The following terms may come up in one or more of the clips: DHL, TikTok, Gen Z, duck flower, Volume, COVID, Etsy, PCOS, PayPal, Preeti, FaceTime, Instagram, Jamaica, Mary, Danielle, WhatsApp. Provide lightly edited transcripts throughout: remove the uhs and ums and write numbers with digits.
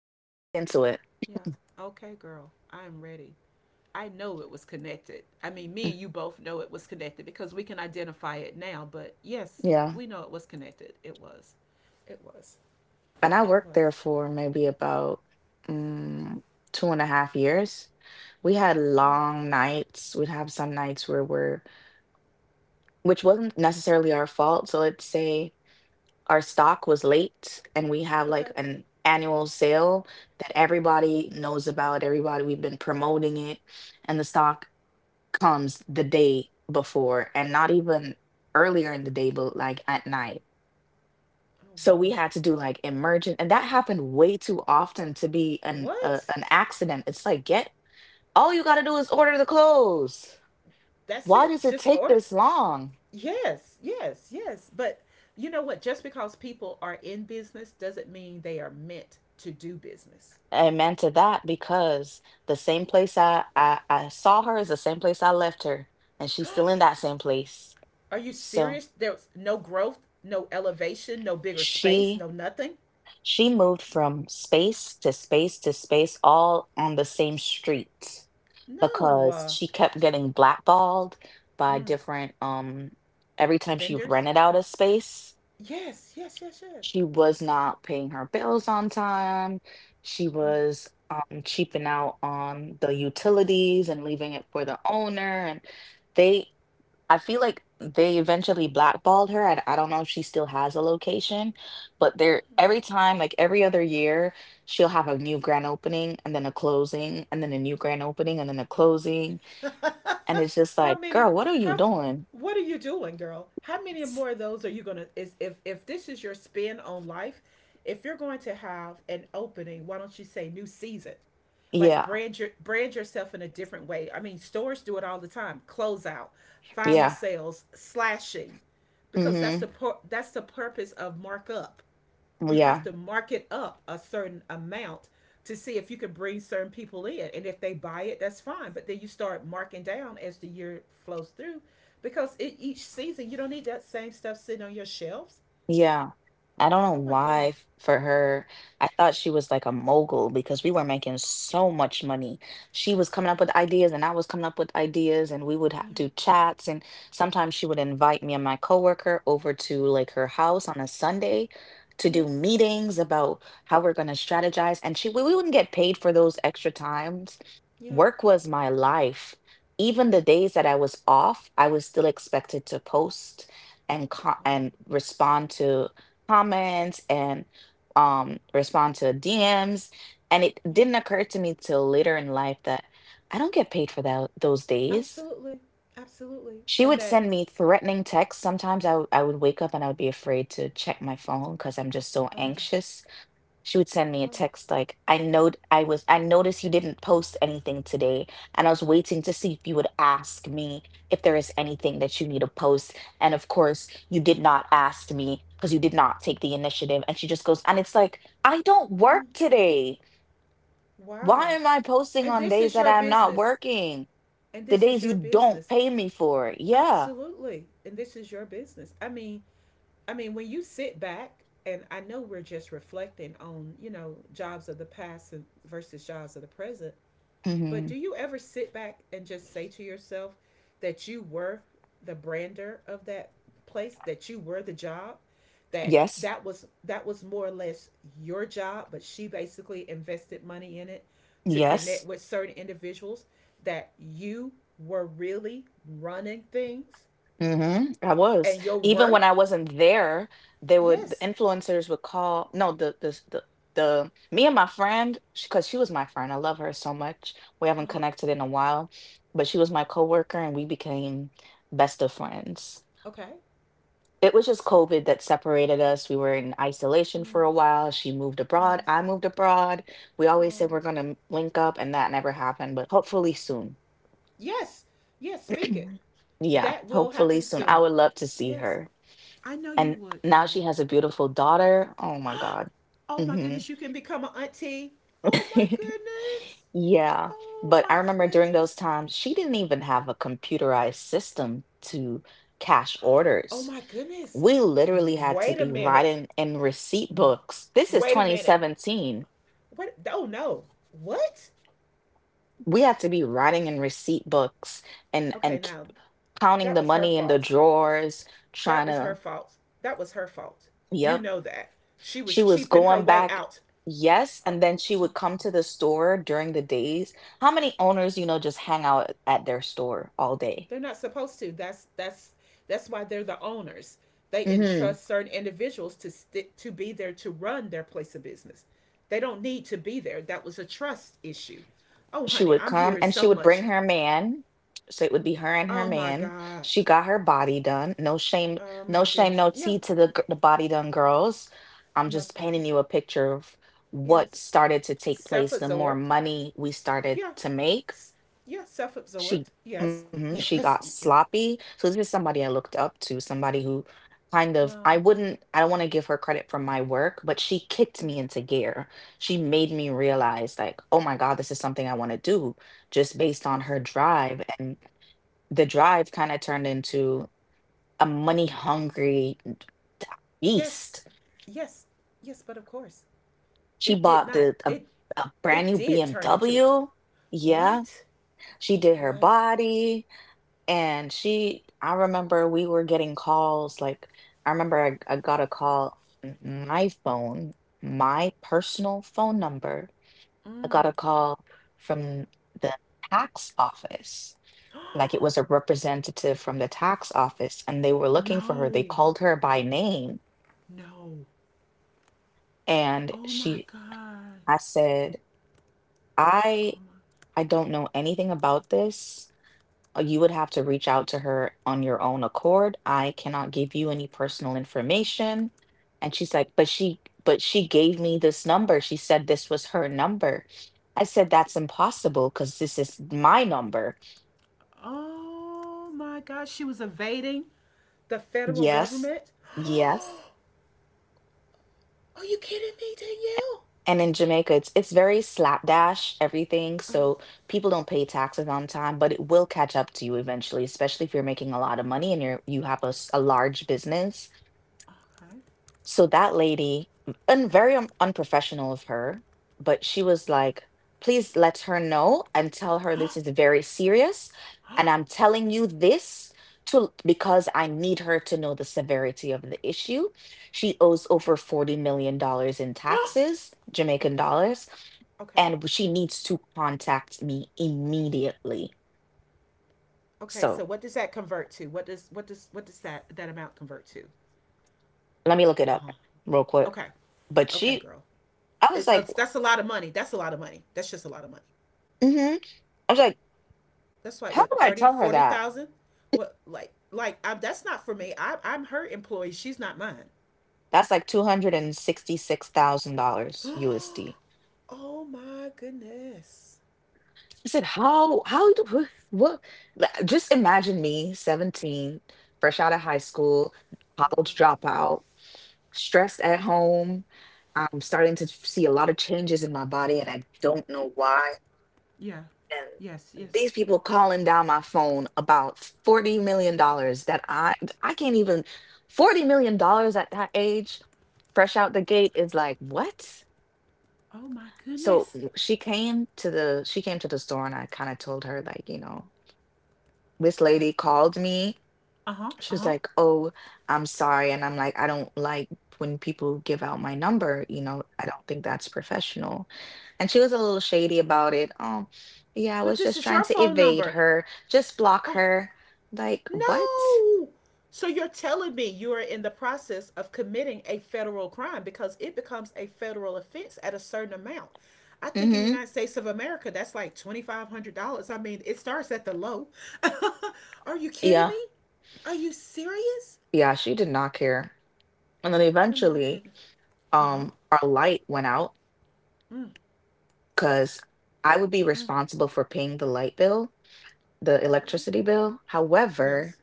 get It's into it. yeah. Okay, girl. I'm ready. I know it was connected. I mean, Mm, me and you both know it was connected because we can identify it now, but yes, Yeah. we know it was connected. It was. It was. And I It worked there was. for maybe about mm, 2.5 years. We had long nights. We'd have some nights where we're. Which wasn't necessarily our fault, so let's say our stock was late and we have, like, Okay. an annual sale that everybody knows about, everybody, we've been promoting it, and the stock comes the day before and not even earlier in the day, but, like, at night. Oh So we wow. had to do, like, emergent, and that happened way too often to be an a What? an accident. It's like, "Get, all you gotta do is order the clothes. That's Why it. does it Just take order. this long?" Yes. Yes. Yes. But you know what? Just because people are in business doesn't mean they are meant to do business. Amen to that because the same place I saw her is the same place I left her, and she's still in that same place. Are you So serious? There's no growth, no elevation, no bigger space, she no nothing. she moved from space to space to space all on the same street No. because she kept getting blackballed by mm, different, every time she vendors. rented out a space, Yes, yes, yes, yes. she was not paying her bills on time. She was cheaping out on the utilities and leaving it for the owner. And they, I feel like they eventually blackballed her. I don't know if she still has a location, but there every time, like every other year, she'll have a new grand opening and then a closing and then a new grand opening and then a closing. Mm. And it's just how like, many? girl, what are you How? doing? What are you doing, girl? How many more of those are you gonna? Is if this is your spin on life, if you're going to have an opening, why don't you say new season? Like Yeah, brand yourself in a different way. I mean, stores do it all the time. Closeout, final yeah. sales, slashing, because that's Mm-hmm. That's the purpose of markup. You have Yeah. to market up a certain amount to see if you can bring certain people in. And if they buy it, that's fine. But then you start marking down as the year flows through because each season you don't need that same stuff sitting on your shelves. Yeah. I don't know Oh my why goodness. For her. I thought she was like a mogul because we were making so much money. She was coming up with ideas and I was coming up with ideas, and we would ha Yeah. do chats, and sometimes she would invite me and my coworker over to like her house on a Sunday to do Yes. meetings about how we're going to strategize, and we wouldn't get paid for those extra times. Yeah. Work was my life. Even Yeah. the days that I was off, I was still expected to post and Wow. Respond to comments and respond to DMs, and it Yeah. didn't occur to me till later in life that I don't get paid for that those days. Absolutely. Absolutely. She And would that, send me threatening texts. Sometimes I would wake up and I would be afraid to check my phone because I'm just so uh, anxious. She would send me a uh, text like, I know I was I noticed you didn't post anything today, and I was waiting to see if you would ask me if there is anything that you need to post, and of course you did not ask me because you did not take the initiative. And she just goes, and it's like, I don't mm, work today, why wow. am I posting And on this days is that your I'm not business. working, And the this is days you your don't business. pay me for? Yeah. Absolutely. And this is your business. I mean, when you sit back, and I know we're just reflecting on, you know, jobs of the past versus jobs of the present, but Hmm. do you ever sit back and just say to yourself that you were the brander of that place, that you were the job, that Yes. that was more or less your job, but she basically invested money in it to connect Yes. with certain individuals that you were really running things Mhm. I was. and your Even worth? when I wasn't there, the Yes. influencers would call. No, the me and my friend, because she was my friend. I love her so much. We haven't Uh-huh. connected in a while, but she was my coworker, and we became best of friends. Okay. It was just COVID that separated us. We were in isolation Mm, for a while. She moved abroad. I yes. moved abroad. We always said Um, we're gonna link up, and that never happened. But hopefully soon. yes. Yes. Speak it. Yeah, That will hopefully happen soon. I soon. would love to see Yes. her. I know you And would, now girl. she has a beautiful daughter. Oh my God. oh my Hmm. goodness, you can become an auntie. Oh my goodness. Yeah. Oh But I my remember during those goodness. times, she didn't even have a computerized system to cash Oh orders. my goodness. We literally had to Wait a be minute. writing in receipt books. This is Wait a minute. 2017. What? Oh no. What? We had to be writing in receipt books and Okay, now counting that the was her money in the fault. drawers, trying That was her to, fault. That was her fault. You yep. know that. She was She was cheaping her going way back, out. yes, Oh, and then she would come to the store during the days. How many owners, you know, just hang out at their store all day? they're not supposed to. That's that's why they're the owners. They Hmm. entrust certain individuals to stick to be there to run their place of business. They don't need to be there. That was a trust issue. Oh, She honey, would I'm come hearing and she so would bring much. her man. So it would be her and her Oh my man. God. She got her body done. No shame, Oh no my shame, goodness. no Yeah, tea to the, the body done girls. I'm no just problem. painting you a picture of what Yes, started to take place. The more self-absorbed. money we started Yeah, to make, S- yeah, self-absorbed. She Yes, mhm, she yes, got yes. sloppy. So this is somebody I looked up to, somebody who kind of, Wow. I don't want to give her credit for my work, but she kicked me into gear. She made me realize like, "Oh my God, this is something I want to do," just based on Yes, her drive. And the drive kind of turned into a money-hungry yes, beast. yes, yes. But of course, She it did bought not. A brand It new did turn into it. BMW. Yeah, What? she did her What? body. And I remember we were getting calls. Like, I remember I got a call, my phone, my personal phone number. I got a call from the tax office. Like, it was a representative from the tax office, and they were looking for her. They no, called her by name, no. and Oh my God. I said, Oh I, my. I don't know anything about this. You would have to reach out to her on your own accord. I cannot give you any personal information. And she's like, but she gave me this number. She said this was her number. I said, that's impossible because this is my number. Oh my God. She was evading the federal Yes. government. Yes. Are you kidding me, Danielle? And in Jamaica, it's very slapdash, everything. Oh, So people don't pay taxes on time, but it will catch up to you eventually, especially if you're making a lot of money and you have a, a large business. okay. So that lady, and very unprofessional of her, but she was like, please let her know and tell her this is very serious. And I'm telling you this to because I need her to know the severity of the issue. She owes over $40 million dollars in Oh, taxes, Jamaican okay. dollars, Okay. and she needs to contact me immediately. Okay. So So what does that convert to? What does that amount convert to? let me look it Uh up huh. real quick. Okay. But Okay, she, girl. I was like, That's a lot of money. That's a lot of money. That's just a lot of money. mm-hmm. I was like, That's like how what do I 30, tell her forty that? thousand? What like that's not for me. I'm her employee. She's not mine. That's like $266,000 USD. oh my goodness. I said, how do wh- what like, just imagine me, 17, fresh out of high school, Oh my oh wow. college dropout, stressed at home. I'm starting to see a lot of changes in my body and I don't know why. Yeah. Yes, And yes. these people calling down my phone about $40 million that I can't even, $40 million at that age, fresh out the gate is like, what? Oh my So goodness. She came to the she came to the store and I kind of told her like, you know, this lady called me. Uh-huh. She was Uh-huh. like, "Oh, I'm sorry." And I'm like, "I don't like when people give out my number, you know. I don't think that's professional." And she was a little shady about it. Oh, yeah, I But was this just is trying your to phone evade number. her. Just block Oh, her. Like, what? no. So you're telling me you are in the process of committing a federal crime because it becomes a federal offense at a certain amount. I think in the Mm-hmm. United States of America, that's like $2,500. I mean, it starts at the low. are you kidding Yeah. me? Are you serious? Yeah, she did not care. And then Oh my eventually, goodness. Uh huh. Our light went out Mm, because I would be mm, responsible for paying the light bill, the okay. electricity bill. However, Yes.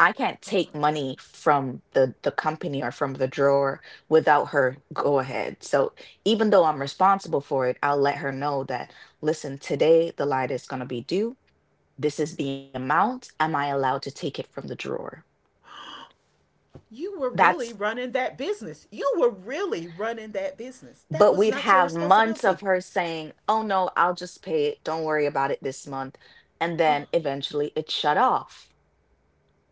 I can't Uh huh. take money from the company or from the drawer without her go ahead. So even though I'm responsible for it, I'll let her know that, listen, today the light is going to be due. This is the amount. Am I allowed to take it from the drawer? You were That's, really running that business. You were really running that business. That but was we'd not your have months of responsibility. her saying, "Oh no, I'll just pay it. Don't worry about it this month." And Oh, then eventually it shut off.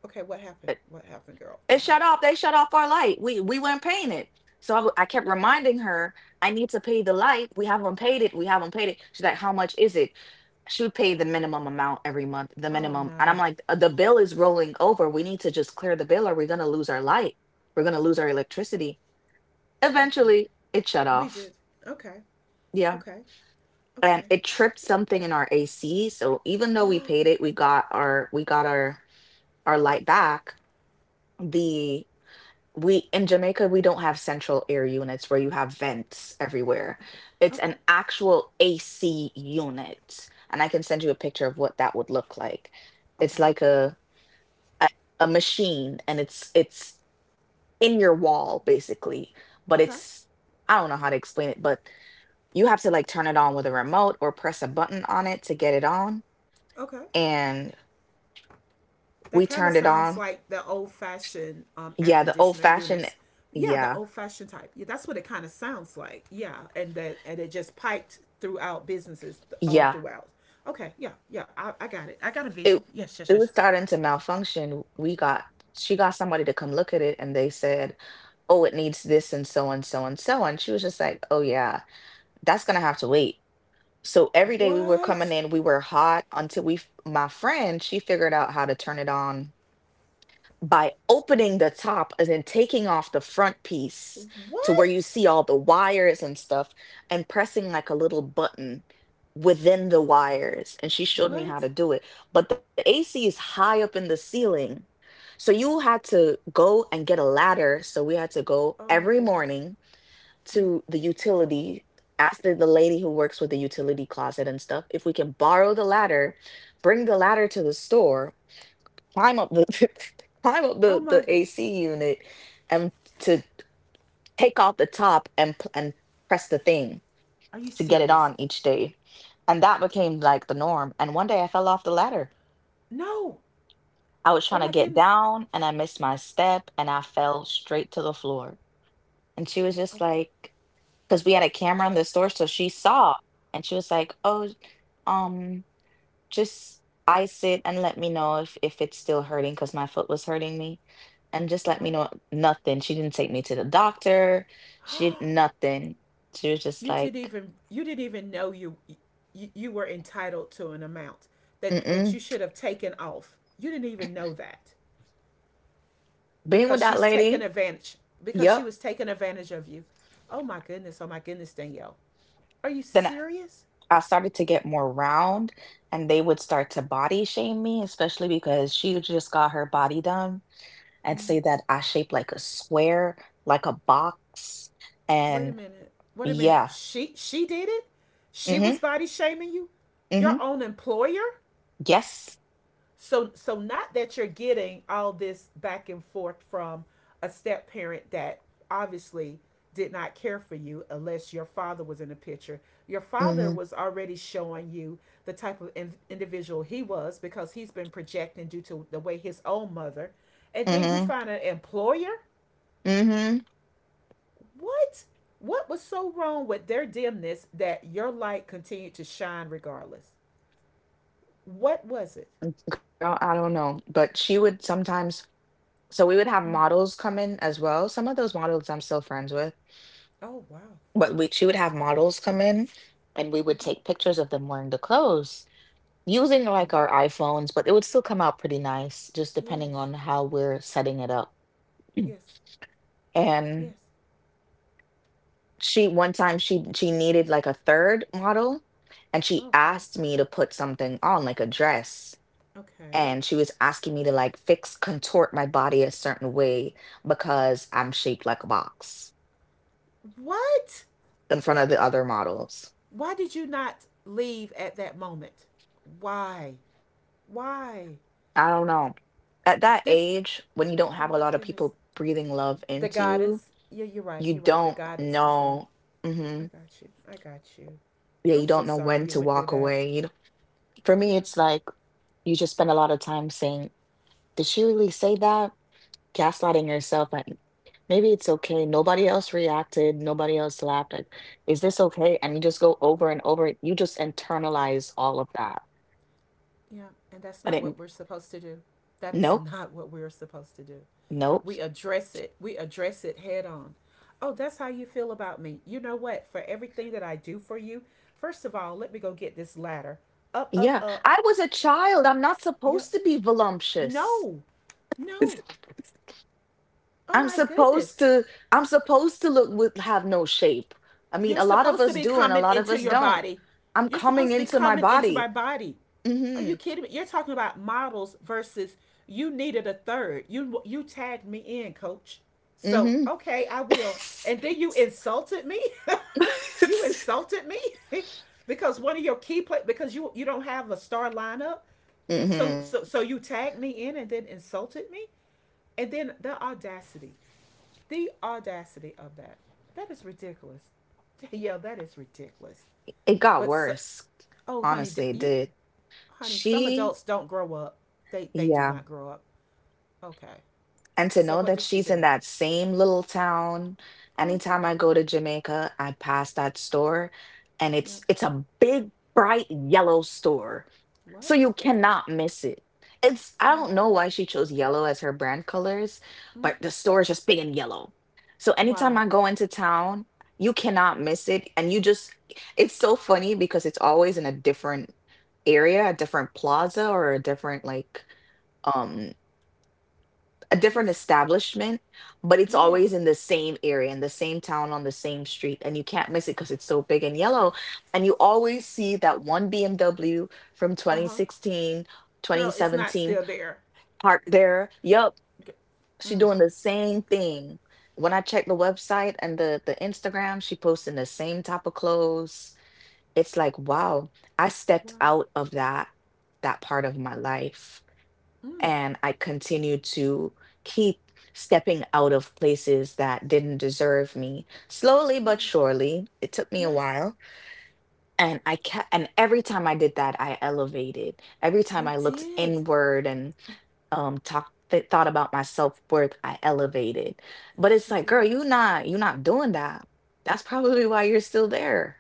okay, what happened? What happened, girl? It What shut happened? off. They shut off our light. We weren't paying it. So I kept reminding her, I need to pay the light. We haven't paid it. We haven't paid it. She's like, how much is it? She would pay the minimum amount every month, the Oh minimum. And I'm no. like, the bill is rolling over. We need to just clear the bill or we're going to lose our light. We're going to lose our electricity. Okay. Eventually, it shut We off. did. Okay. Yeah. Okay. And Okay. it tripped something in our AC. So even though we paid it, we got our light back. The we in Jamaica, we don't have central air units where you have vents everywhere. Okay. It's Okay. an actual AC unit, and I can send you a picture of what that would look like. It's Okay. like a, a machine, and it's in your wall basically, but Okay. it's I don't know how to explain it, but you have to like turn it on with a remote or press a button on it to get it on. Okay. And That we kind of turned it sounds on. like the old fashioned air Yeah, the old conditioner fashioned. units. Yeah, the Yeah, old fashioned type. Yeah, that's what it kind of sounds like. Yeah, and that and it just piped throughout businesses all yeah. throughout. Okay, yeah, yeah, I got it. I got a vision. it Yes, yes, it yes. was starting to malfunction. We got she got somebody to come look at it and they said, "Oh, it needs this and so and so and so." And she was just like, "Oh yeah, that's going to have to wait." So every day we were coming What? in, we were hot until my friend, she figured out how to turn it on by opening the top and then taking off the front piece to where you What? see all the wires and stuff, and pressing like a little button within the wires, and she showed me how What? to do it. But the AC is high up in the ceiling, so you had to go and get a ladder. So we had to go Oh my every goodness. morning Mm. to the utility, ask the lady who works with the utility closet and stuff if we can borrow the ladder, bring the ladder to the store, climb up the climb up Oh the, my the god. AC unit and to take off the top and and press the thing Are you to get it serious? on each day. And that became like the norm. And one day I fell off the ladder. No. I was Oh trying to my get goodness. down and I missed my step and I fell straight to the floor. And she was just Okay. like, because we had a camera in the store, so she saw, and she was like, oh, um, just ice it and let me know if it's still hurting, because my foot was hurting me. And just Uh let me huh. know. Nothing. She didn't take me to the doctor. She nothing She was just You didn't like, even you didn't even know you, you were entitled to an amount mm-mm. that you should have taken off. You didn't even know that Being with because that she's taken lady. advantage because she Yep. was taking advantage of you. Oh my goodness. Oh my goodness, Danielle. Are you then serious? I started to get more round and they would start to body shame me, especially because she just got her body done, and say that I shape like a square, like a box. Wait a And minute. Wait a minute. yeah. She did it. She Mm-hmm. was body shaming you. Your Mm-hmm. own employer. Yes. So so not that you're getting all this back and forth from a step parent that obviously did not care for you unless your father was in the picture. Your father Mm-hmm. was already showing you the type of individual he was because he's been projecting due to the way his own mother. And then you Mm-hmm. find an employer? Mhm. What? What was so wrong with their dimness that your light continued to shine regardless? What was it? Girl, I don't know, but she would sometimes, so we would have models come in as well. Some of those models I'm still friends with, Oh, wow. but we she would have models come in and we would Mm-hmm. take pictures of them wearing the clothes using Wow. like our iPhones, but it would still come out pretty nice just depending Yes. on how we're setting it up. Yes. And Yes. she one time she needed like a third model and she Okay. asked me to put something on, like a dress. Okay. And she was asking me to like fix contort my body a certain way because I'm shaped like a box What? in front of the other models. Why did you not leave at that moment? Why? Why? I don't know. At that This. age, when you don't Oh have a my lot of goodness. people breathing love The into you, guidance. Yeah, you're right. you You're right. The don't guidance was there. know. I Hmm. got you. I got you. Yeah, you I'm so don't know sorry when you to went through walk that. away. You know, for me, Yeah. it's like you just spend a lot of time saying, "Did she really say that?" Gaslighting yourself, like maybe it's okay. Nobody else reacted. Nobody else laughed. Like, is this okay? And you just go over and over it. You just internalize all of that. Yeah. And that's i not didn't what we're supposed to do. That is Nope. not what we're supposed to do. We Nope. address it. We address it head on. Oh, that's how you feel about me? You know what, for everything that I do for you, first of all, let me go get this ladder. Up, up, Yeah, up. I was a child. I'm not Yep. supposed to be voluptuous. No. No. Oh I'm my supposed goodness. to I'm supposed to look with have no shape. I mean, You're a lot of supposed to us be do and a coming lot of into us your don't. body. I'm You're supposed coming to be into my coming into body. my body. Are you Mhm. kidding me? You're talking about models versus you needed a third. You tagged me in, coach. So, Mhm. okay, I will. And then you insulted me? you insulted me? because one of your key play because you don't have a star lineup. So Mhm. so you tagged me in and then insulted me? And then the audacity. The audacity of that. That is ridiculous. Yeah, that is ridiculous. It got But so, worse. oh, honey, Honestly, it you, did. honey, some She, adults don't grow up. They do yeah. not grow up. Okay. And to So know what that did she she's in do? that same little town, Uh huh. anytime I go to Jamaica, I pass that store, and it's Yep. it's a big bright yellow store. So What? you cannot miss it. It's I Mm. don't know why she chose yellow as her brand colors, Mm. but the store is just big and yellow. So anytime Wow. I go into town, you cannot miss it. And you just, it's so funny because it's always in a different area, a different plaza, or a different like um, a different Yes. establishment, but it's always Yes. in the same area, in the same town, on the same street, and you can't miss it because it's so big and yellow. And you always see that one BMW from Uh twenty huh. sixteen, twenty Girl, it's not seventeen, still there. parked It, there. Yup, she mm. doing the same thing. When I check the website and the Instagram, she posting the same type of clothes. It's like, wow, I Wow. stepped out of that part of my life Mm. and I continued to keep stepping out of places that didn't deserve me. Slowly Yeah. but surely, it took me a Yes. while, and I kept, and every time I did that, I elevated. Every time You I looked did. inward and talked thought about my self-worth, I elevated. But Yes, it's you like, girl, did. You not doing that. That's probably why you're still there.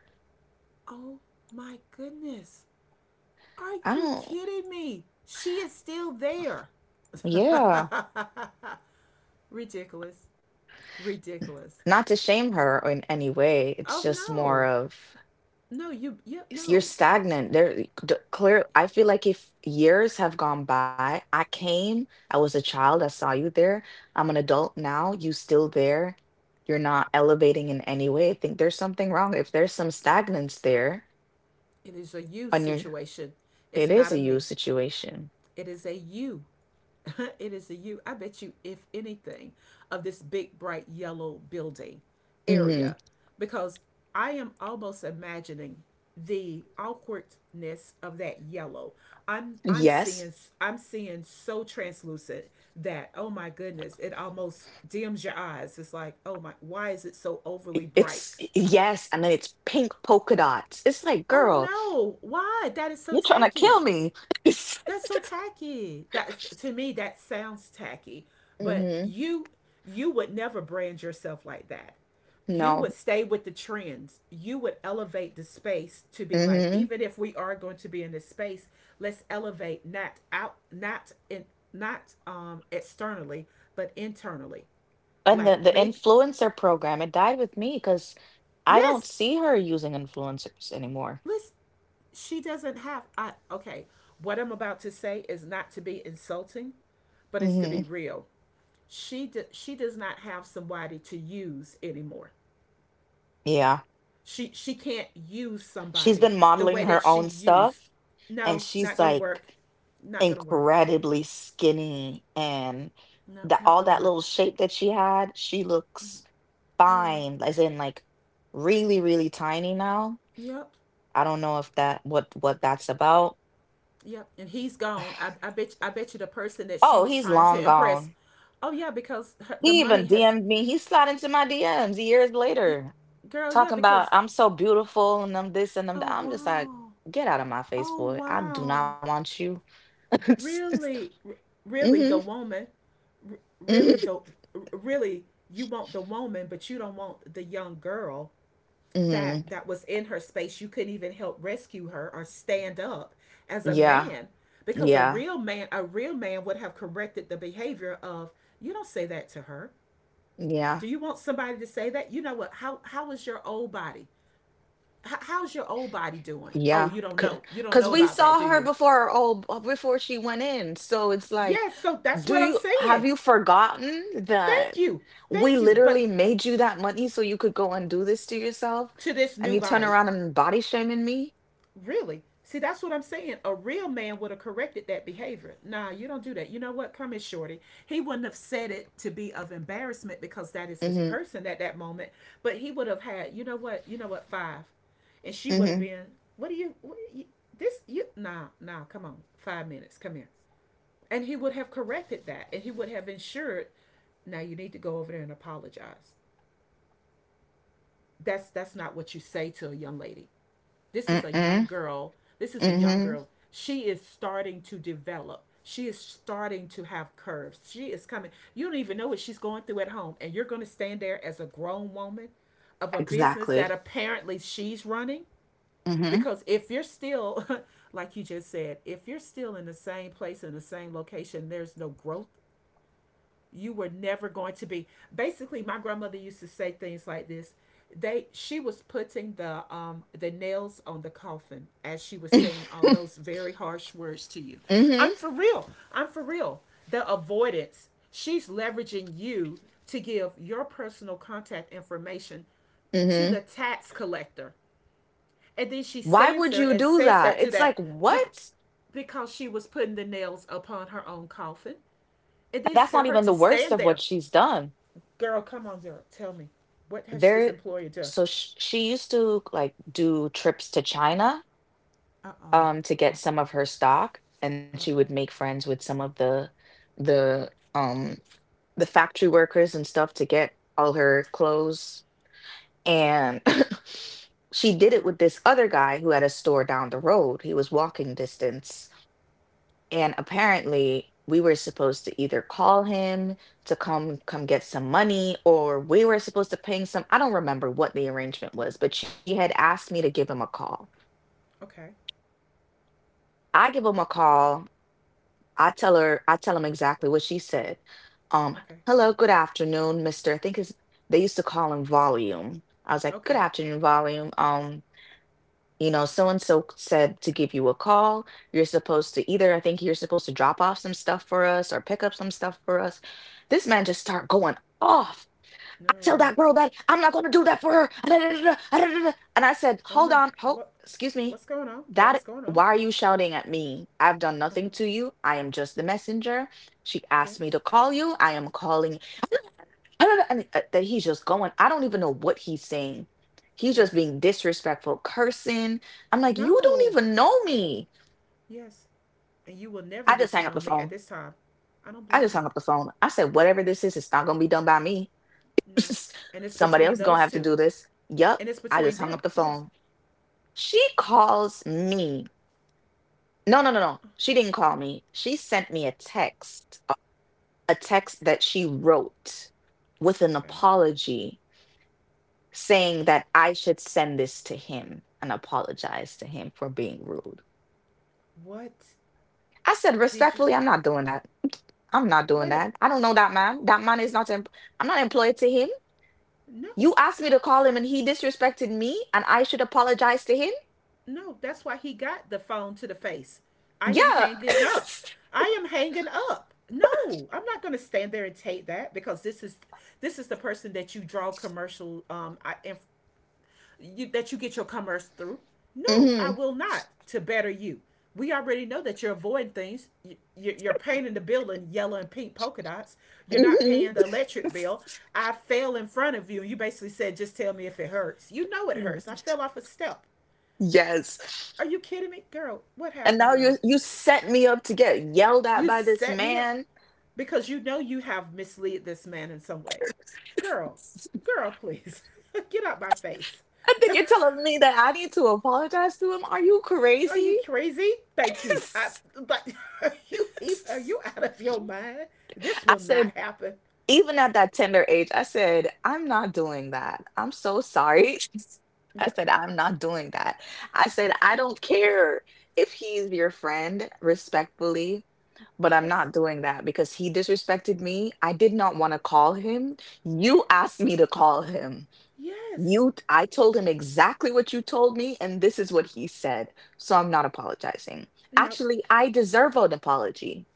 Oh my goodness. Are i you don't kidding me? She is still there. Yeah, ridiculous. Ridiculous. not to shame her in any way, it's Oh just more no. of No, you you're no. stagnant there. Clear, I feel like if years have gone by, I came, I was a child, I saw you there, I'm an adult now, you still there, you're not elevating in any way. I think there's something wrong, if there's some stagnance there It is a you on your, situation. It's it is not a a you me. situation. It is a you. it is a you. I bet you, if anything, of this big, bright yellow building Hmm. area, because I am almost imagining the awkwardness of that yellow. I'm I'm Yes. seeing I'm seeing so translucent that oh my goodness, it almost dims your eyes. It's like, "Oh my, why is it so overly It's bright?" yes, and then it's pink polka dots. It's like, Oh girl, no, why? That is so you're trying to tacky. kill me. That's so tacky. That's to me that sounds tacky, but Hmm. You would never brand yourself like that. You would No. stay with the trends. You would elevate the space to be like Mm-hmm. even if we are going to be in this space, let's elevate not out not in not externally, but internally. And the Like make influencer program, it died with me because I don't yes, see her using influencers anymore. let's she doesn't have I okay, what I'm about to say is not to be insulting, but it's to be Hmm. real. She does not have somebody to use anymore. Yeah. She can't use She's somebody been the modeling way that her she own used. stuff and No, she's not gonna work. like Not gonna work. incredibly skinny, and No, that not all gonna that work. little shape that she had, she looks Yeah. fine, as in like really, really tiny now. Yep. I don't know if that what that's about. Yep. And he's gone. I bet you the person that Oh, she he's was trying long to gone. impress. Oh yeah, because her, He the even money has DM'd me. He slid into my DMs years it, later. girl. Yeah, Talking about because I'm so beautiful and I'm this and I'm oh that. I'm just like, wow, get out of my face, oh boy. I do not wow. want you. Mm-hmm. Really, really the woman, really Hmm. the, really you want the woman, but you don't want the young girl that Hmm. Was in her space. You couldn't even help rescue her or stand up as a Yeah, man, because yeah, a real man would have corrected the behavior of — you don't say that to her. yeah, Do you want somebody to say that? You know what? How is your old body? How's your old body doing? Oh, yeah. you don't know. You don't Cause know we about that, do saw her you? before, oh, before she went in. So it's like, Yes. Yeah, so that's do what I'm you have saying. you forgotten Thank that you. we Thank you. But literally made you that money so you could go and do this to yourself, to this and new you turn body, around and body shaming me? really? See, that's what I'm saying. A real man would have corrected that behavior. Nah, you don't do that. You know what? Come here, shorty. He wouldn't have said it to be of embarrassment, because that is his Mm-hmm, person at that moment. But he would have had — you know what? You know what? Five — and she would have mm-hmm, been. What do you? What do you — this you? Nah, nah. Come on. 5 minutes. Come here. And he would have corrected that, and he would have ensured — now you need to go over there and apologize. That's not what you say to a young lady. This is a mm-hmm, young girl. This is a young mm-hmm. girl. She is starting to develop. She is starting to have curves. She is coming. You don't even know what she's going through at home. And you're going to stand there as a grown woman of a business that Exactly. apparently she's running. Mhm. Because if you're still — like you just said, if you're still in the same place, in the same location, there's no growth. You were never going to be — basically, my grandmother used to say things like this. They She was putting the nails on the coffin as she was saying all those very harsh words to you. Mhm. I'm for real, I'm for real. The avoidance, she's leveraging you to give your personal contact information to Mhm. the tax collector, and then she Why stands would there you and do says that? that to It's that, like, what? because she was putting the nails upon her own coffin. And then That's not for even her the to worst of stand what there — she's done. girl, come on, Zero. Tell me, what has this There, employer done? so sh she used to like do trips to China Uh to get oh. some of her stock, and she would make friends with some of the um the factory workers and stuff to get all her clothes. And she Uh did it huh. with this other guy who had a store down the road. He was walking distance. And apparently, we were supposed to either call him to come get some money, or we were supposed to ping some. I don't remember what the arrangement Yeah. was, but she had asked me to give him a call. Okay. I give him a call. I tell him exactly what she said. Um, Okay. hello, good afternoon, Mr. I think his, they used to call him Volume. I was like, good Okay. afternoon, Volume. You know, so and so said to give you a call. You're supposed to either, I think you're supposed to drop off some stuff for us or pick up some stuff for us. This man just start going off. I tell No. that girl that I'm not going to do that for her. Ah, da, da, da, da, ah, da, da, da." And I said, Oh hold no. on, hold, What? excuse me. What's going on? Yeah. That, What's going on? why are you shouting at me? I've done Uh nothing huh. to you. I am just the messenger. She asked me Yes. to call you. I am calling. I don't know, and, that he's just going. I don't even know what he's saying. He's just Yes. being disrespectful, cursing. I'm like, you don't No. even know me. Yes. And you will never I get just to hang up know the me at phone. this time. I don't I blame just you. hung up the phone. I said, whatever this is, it's not gonna be done by me. No. And it's Somebody between else gonna those have to two. do this. Yup. And it's I just between hung up them. the Yes. phone. She calls me. No, no, no, no. She didn't call me. She sent me a text, a text that she wrote with an Okay. apology, saying that I should send this to him and apologize to him for being rude. What I said, did you? respectfully, I'm not doing that. I'm not doing Wait a— that. I don't know that oh, man. That man is not, em- I'm not employed to him. no. You asked me to call him and he disrespected me and I should apologize to him? No, that's why he got the phone to the face. I am Yeah. hanging up. I am hanging up. No, I'm not going to stand there and take that, because this is — this is the person that you draw commercial I, you, that you get your commerce through. No, I hmm will not to better you. We already know that you're avoiding things. You, you're painting the building yellow and pink polka dots. You're not hmm paying the electric bill. I fell in front of you, and you basically said, "Just tell me if it hurts." You know it hurts. I fell off a step. Yes. Are you kidding me? Girl, what And happened, now girl? you set me up to get yelled at You by this set me up man. because you know you have misled this man in some way. Girl, girl, please, get out my face. And then you're telling me that I need to apologize to him? Are you Are you crazy? crazy? Thank you. I — but are you — are you out of your mind? This I will not said, happen. even at that tender age, I said, I'm not doing that. I'm so sorry. I Yeah. said, I'm not doing that. I said, I Yeah. don't care if he's your friend, respectfully, but I'm Yes. not doing that because he disrespected me. I did not want to call him. You asked me to call him. Yes. You, I told him exactly what you told me, and this is what he said. So I'm not apologizing. No. Actually, I deserve an apology,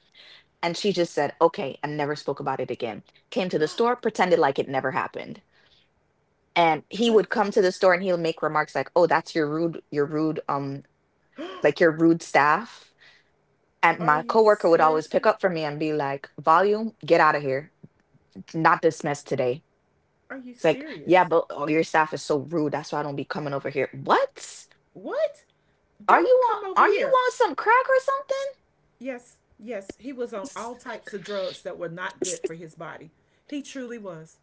and she just said, okay, and never spoke about it again. Came to the store, pretended like it never happened. And he What? would come to the store and he'll make remarks like, oh, that's your rude, like your rude staff. And Are my you coworker would always pick seriously? up for me and be like, Volume, get out of here. Not dismissed today. Are you It's like, yeah, serious? but oh, your staff is so rude. That's why I don't be coming over here. What? What? Don't come over Are you here. on some crack or Yes, yes, he was on something? all types of drugs that were not good for his body. He truly was.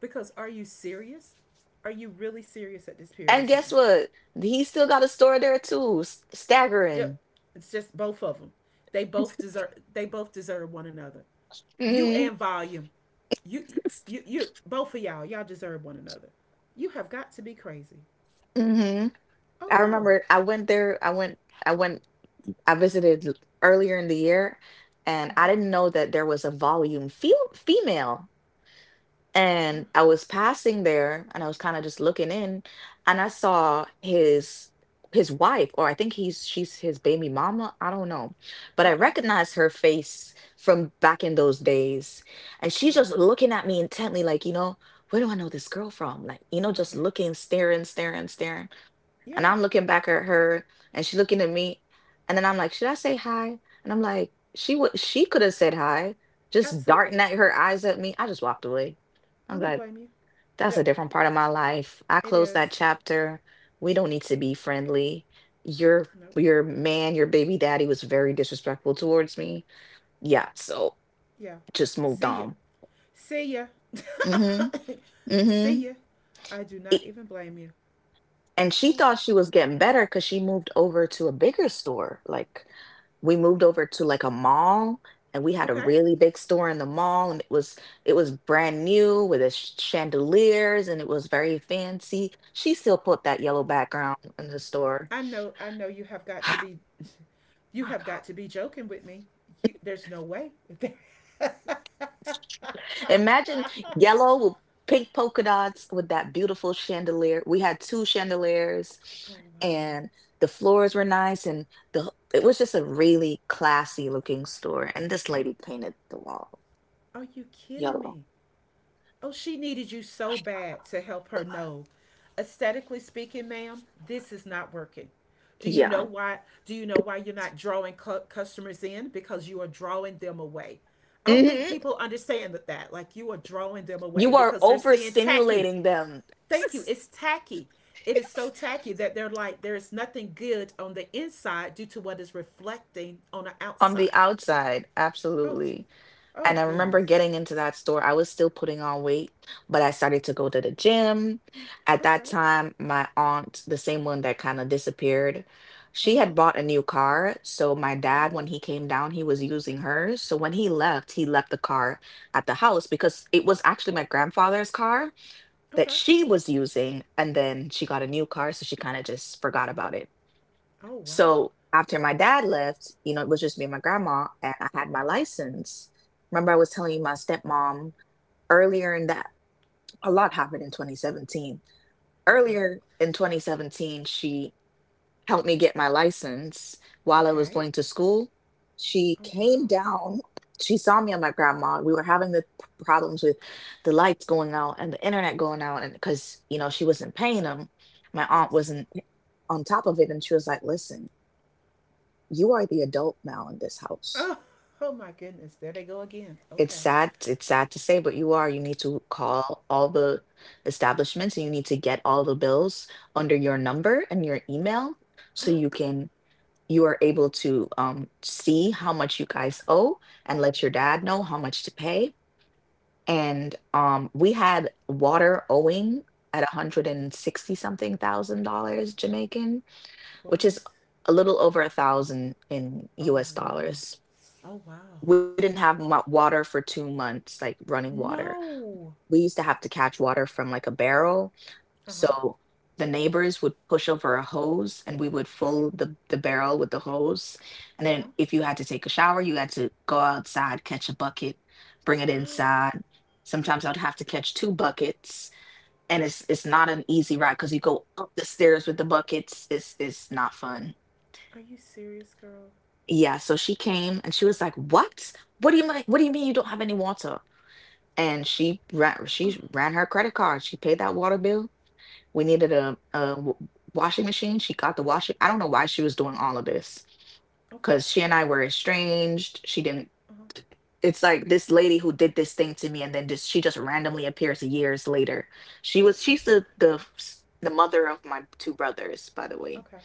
Because are you serious? Are you really serious at this period And of guess time? what? He still got a store there too. S- Yep, Staggering. it's just both of them. They both deserve. They both deserve one another. You Mhm. and Volume, you, you, both of y'all, y'all deserve one another. You have got to be crazy. hmm Oh I no. remember I went there, I went, I visited l- earlier in the year, and Uh I huh. didn't know that there was a Volume fe female. And I was passing there and I was kind of just looking in, and I saw his wife, or I think he's she's his baby mama. I don't know. But I Okay. recognized her face from back in those days. And she's Oh, just looking at me intently, like, you know, where do I know this girl from? Like, you know, just okay. looking, staring, staring, staring. And Yeah, I'm looking back at her and she's looking at me. And then I'm like, should I say hi? And I'm like, she could have said hi, just darting absolutely. at her eyes at me. I just walked away. I I'm don't like, blame you. that's a Yep, different part of my life. I it closed is. that chapter. We don't need to be friendly. Your Nope. your man, your baby daddy was very disrespectful towards me. Yeah, so Yeah. just moved See ya. on. See ya. Mm-hmm. Mm-hmm. See ya. I do not even blame you. And she Oh thought my she god. was getting better because she moved over to a bigger store. Like we moved over Yeah. to like a mall and we had a Okay. really big store in the mall, and it was brand new with its chandeliers and it was very fancy. She still put that yellow background in the store. I know, I know you have got to be you Oh my have God. got to be joking with me. You, there's no way. Oh Imagine yellow with pink polka dots with that beautiful chandelier. We had two chandeliers wow. and the floors were nice and the it was just a really classy looking store. And this lady painted the wall Are you kidding yellow. me? Oh, she needed you so bad to help her know. Aesthetically speaking, ma'am, this is not working. Do you know Yeah. why? Do you know why you're not drawing customers in? Because you are drawing them away. I don't think hmm people understand that. Like, you are drawing them away You are because they're saying tacky. overstimulating them. Thank you. It's tacky. It is so tacky that they're like, there is nothing good on the inside due to what is reflecting on the On the outside. outside. Oh, Absolutely. oh And I remember goodness. getting into that store. I was still putting on weight, but I started to go to the gym. At that Okay. time, my aunt, the same one that kind of disappeared, Uh she huh. had bought a new car. So my dad, when Oh, he came down, he was using hers. So when he left the car at the house because it was actually my grandfather's car that okay. she was using. And then she got a new car. So she kind of just forgot about it. Oh wow. So after my dad left, you know, it was just me and my grandma, and I had my license. Remember, I was telling you my stepmom earlier in that, a lot happened in 2017. Okay. Earlier in 2017, she helped me get my license while I was Okay. going to school. She Oh came wow. down, she saw me and my grandma. We were having the p- problems with the lights going out and the internet going out, and because, you know, she wasn't paying them, my aunt Yes. wasn't eh, on top of it, and she was like, listen, you are the adult now in this Oh, house. oh my goodness. There they go again. Okay. It's sad to say, but you are. You need to call all the establishments and you need to get all the bills under your number and your email, so you can you are able to see how much you guys owe and let your dad know how much to pay. And we had water owing at 160 something thousand dollars Jamaican, What? which is a little over a thousand in Oh US wow. dollars. Oh wow. We didn't have mu- water for 2 months, like running water. No. We used to have to catch water from like a barrel. Uh huh. So the neighbors would push over a hose and we would fill the barrel with the hose. And Uh huh. then if you had to take a shower, you had to go outside, catch a bucket, bring it inside. Sometimes I'd have to catch two buckets. And it's not an easy ride because you go up the stairs with the buckets. It's not fun. Are you serious, girl? Yeah, so she came and she was like, "What? What do you mean? What do you mean you don't have any water?" And she ran Oh. she ran her credit card. She paid that water bill. We needed a w- washing machine. She got the washing. I don't know why she was doing all of this, Okay. because she and I were estranged. She didn't. Uh huh. It's like this lady who did this thing to me, and then just she just randomly appears years later. She was she's the s- the mother of my two brothers, by the way. Okay.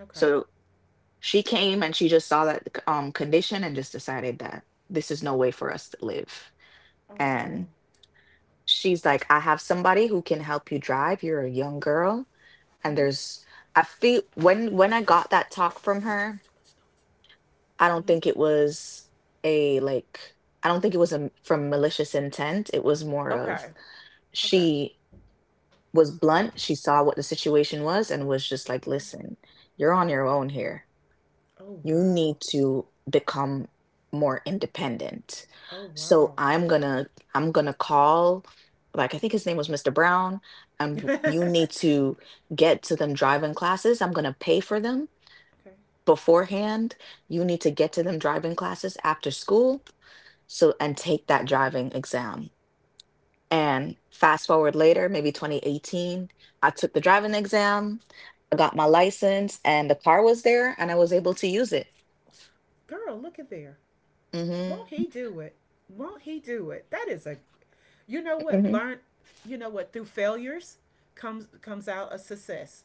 Okay. So she came and she just saw that condition and just decided that this is no way for us to live. Oh wow. She's like, I have somebody who can help you drive. You're a young girl. And Mhm. there's I feel when I got that talk from It's her, too much I noise. don't Mhm. think it was a like I don't think it was a, from malicious intent. It was more of Okay. Okay. she was blunt. She saw what the situation was and was just like, Mhm. listen, you're on your own here. Oh You need wow. to become more independent. Oh So wow. I'm gonna call, like I think his name was Mr. Brown, and w- Okay. you need to get to them driving classes. I'm gonna pay for them beforehand. You need to get to them driving classes after school, so and take that driving exam. And fast forward later, maybe 2018, I took the driving exam, I got my license and the car was there and I was able to use it. Girl, look at there. Mhm. Won't he do it? Won't he do it? That is a — you know what, learn — you know what, through failures comes out a success.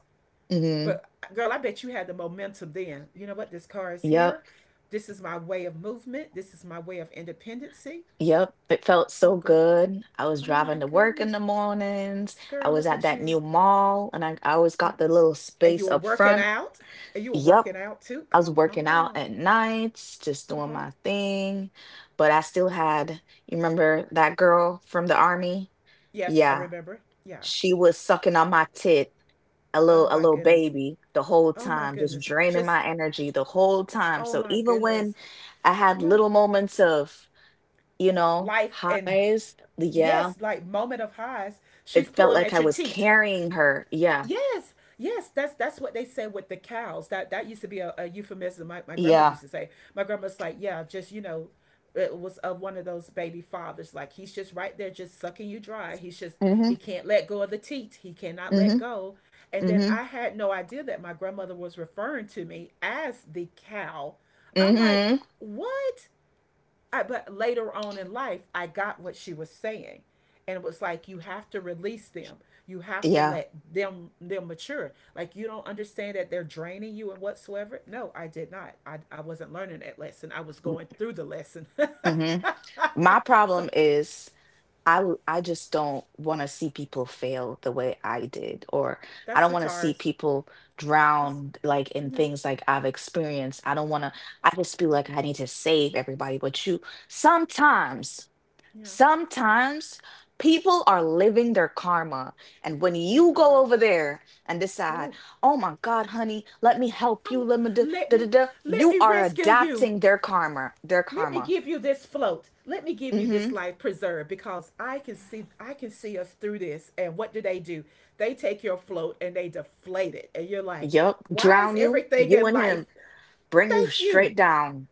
Mhm. But girl, I bet you had the momentum then. You know what? This car is Yep. here. This is my way of movement. This is my way of independency. Yep. It felt Oh so girl. good. I was Oh driving my to work in goodness. the mornings. I Girl, was look at at that you. new mall and I always Um, got the little And you space were up working front. out? And you were Yep. working out too? I was Come working out on. at nights, just doing Uh-huh. my thing. But I still had, you remember that girl from the army? Yes, I Yeah. remember. Yeah. She was sucking on my tit, a Oh little a my little goodness. baby the whole Oh my time, just goodness. draining Just — my energy the whole time. oh So my even when goodness. I had Yeah, little moments of, you know, life and highs, yeah. yes, like moment of highs, she's It felt pulling like I at your was teat. carrying her. Yeah. Yes, yes, that's what they say with the cows, that used to be a euphemism. My my grandmother Yeah. used to say, my grandma's like, yeah, just, you know, it was of one of those baby fathers, like he's just right there just sucking you dry. He's just — he mm can't let go of the teat, he cannot let Mhm. go. And then Mhm. I had no idea that my grandmother was referring to me as the cow. Mhm. I'm like, Mhm. what? I, but later on in life, I got what she was saying, and it was like, you have to release them. You have to Yeah. let them mature. Like, you don't understand that they're draining you and whatsoever. No, I did not. I wasn't learning that lesson. I was going through the lesson. Mhm. My problem So is I l- I just don't want to see people fail the way I did, or I that's don't the want to see Sataris. people That's drowned like in yeah, things like I've experienced. I don't want to I just feel like I need to save everybody, but you sometimes yeah, Sometimes people are yeah. living their karma. And when They you go are. over there and decide, Ooh, oh my God, honey, let me help you, I'm — let me da, let da, da, me — da," let you me are rescue you. adapting their karma, their Let me karma. give you this float. Let me give you Mm-hmm. this life preserved, because I can see, I can see us through this. And what do? They take your float and they deflate it. And you're like, Yep. why is Drown you, everything you in and life? him, bring you Thank you. straight down.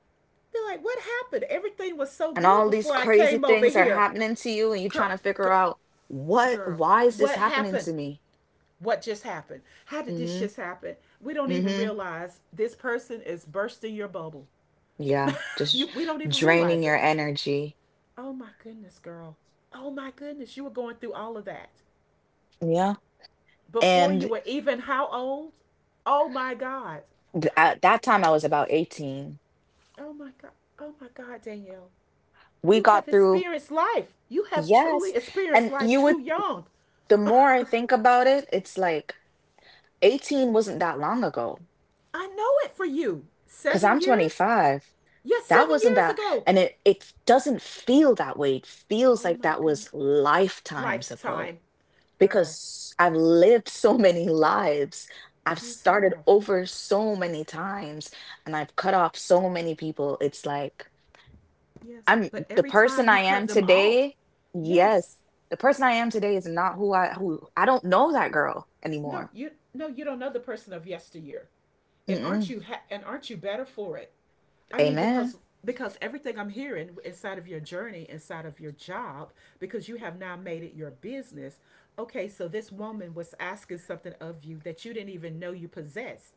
They're like, what happened? Everything was so And good all these before I crazy came over things are here. happening to you, and you Girl, trying to figure girl, out what, girl, why is this what happening happened? to me? What just happened? How did this Mm-hmm. just happen? We don't even Mm-hmm. realize this person is bursting your bubble. Yeah. You, Just we don't even draining realize your it. energy. Oh my goodness, girl. Oh my goodness, you were going through all of that Yeah. before you And. were even how old? Oh my God. Th- Come. at that time I was about 18. Oh my God. Oh my God, Danielle. We You have got through, experienced life. You have yes. truly experienced And life you would, too young. the more I think about it, it's like 18 wasn't that long ago I know it for you. because Seven I'm years? 25. Yes, That seven wasn't years that, ago. and it doesn't feel that way. It feels Oh like my that goodness. was lifetimes ago Lifetime. Girl, because I've lived so many lives. I've you started have. over so many times and I've cut off so many people. It's like, Yes. I'm But the every time person you I cut am them off, today. yes, Yes, the person I am today is not who I don't know that girl no, anymore. you — no, you don't know the person of yesteryear, and aren't Mm-mm. you and aren't you better for it? I mean, Amen. because — because everything I'm hearing inside of your journey, inside of your job, because you have now made it your business. Okay, so this woman was asking something of you that you didn't even know you possessed,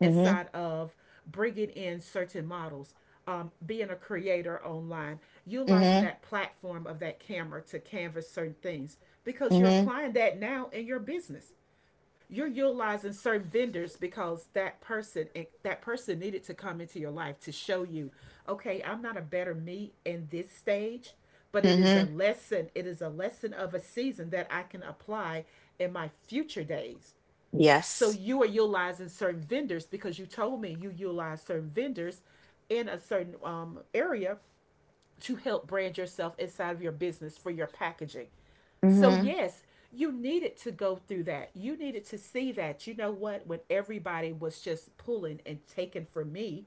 Mm-hmm. inside of bringing in certain models, being a creator online, utilizing Mm-hmm. that platform of that camera to canvas certain things, because you're Mm-hmm. applying that now in your business. You're utilizing certain vendors because that person, eh, that person needed to come into your life to show you, okay, I'm not a better me in this stage, but it is a Mm-hmm. lesson. It is a lesson of a season that I can apply in my future days. So Yes. you are utilizing certain vendors, because you told me you utilize certain vendors in a certain, area to help brand yourself inside of your business for your packaging. So, Mm-hmm. yes, you needed to go through that. You needed to see that. You know what? When everybody was just pulling and taking from me,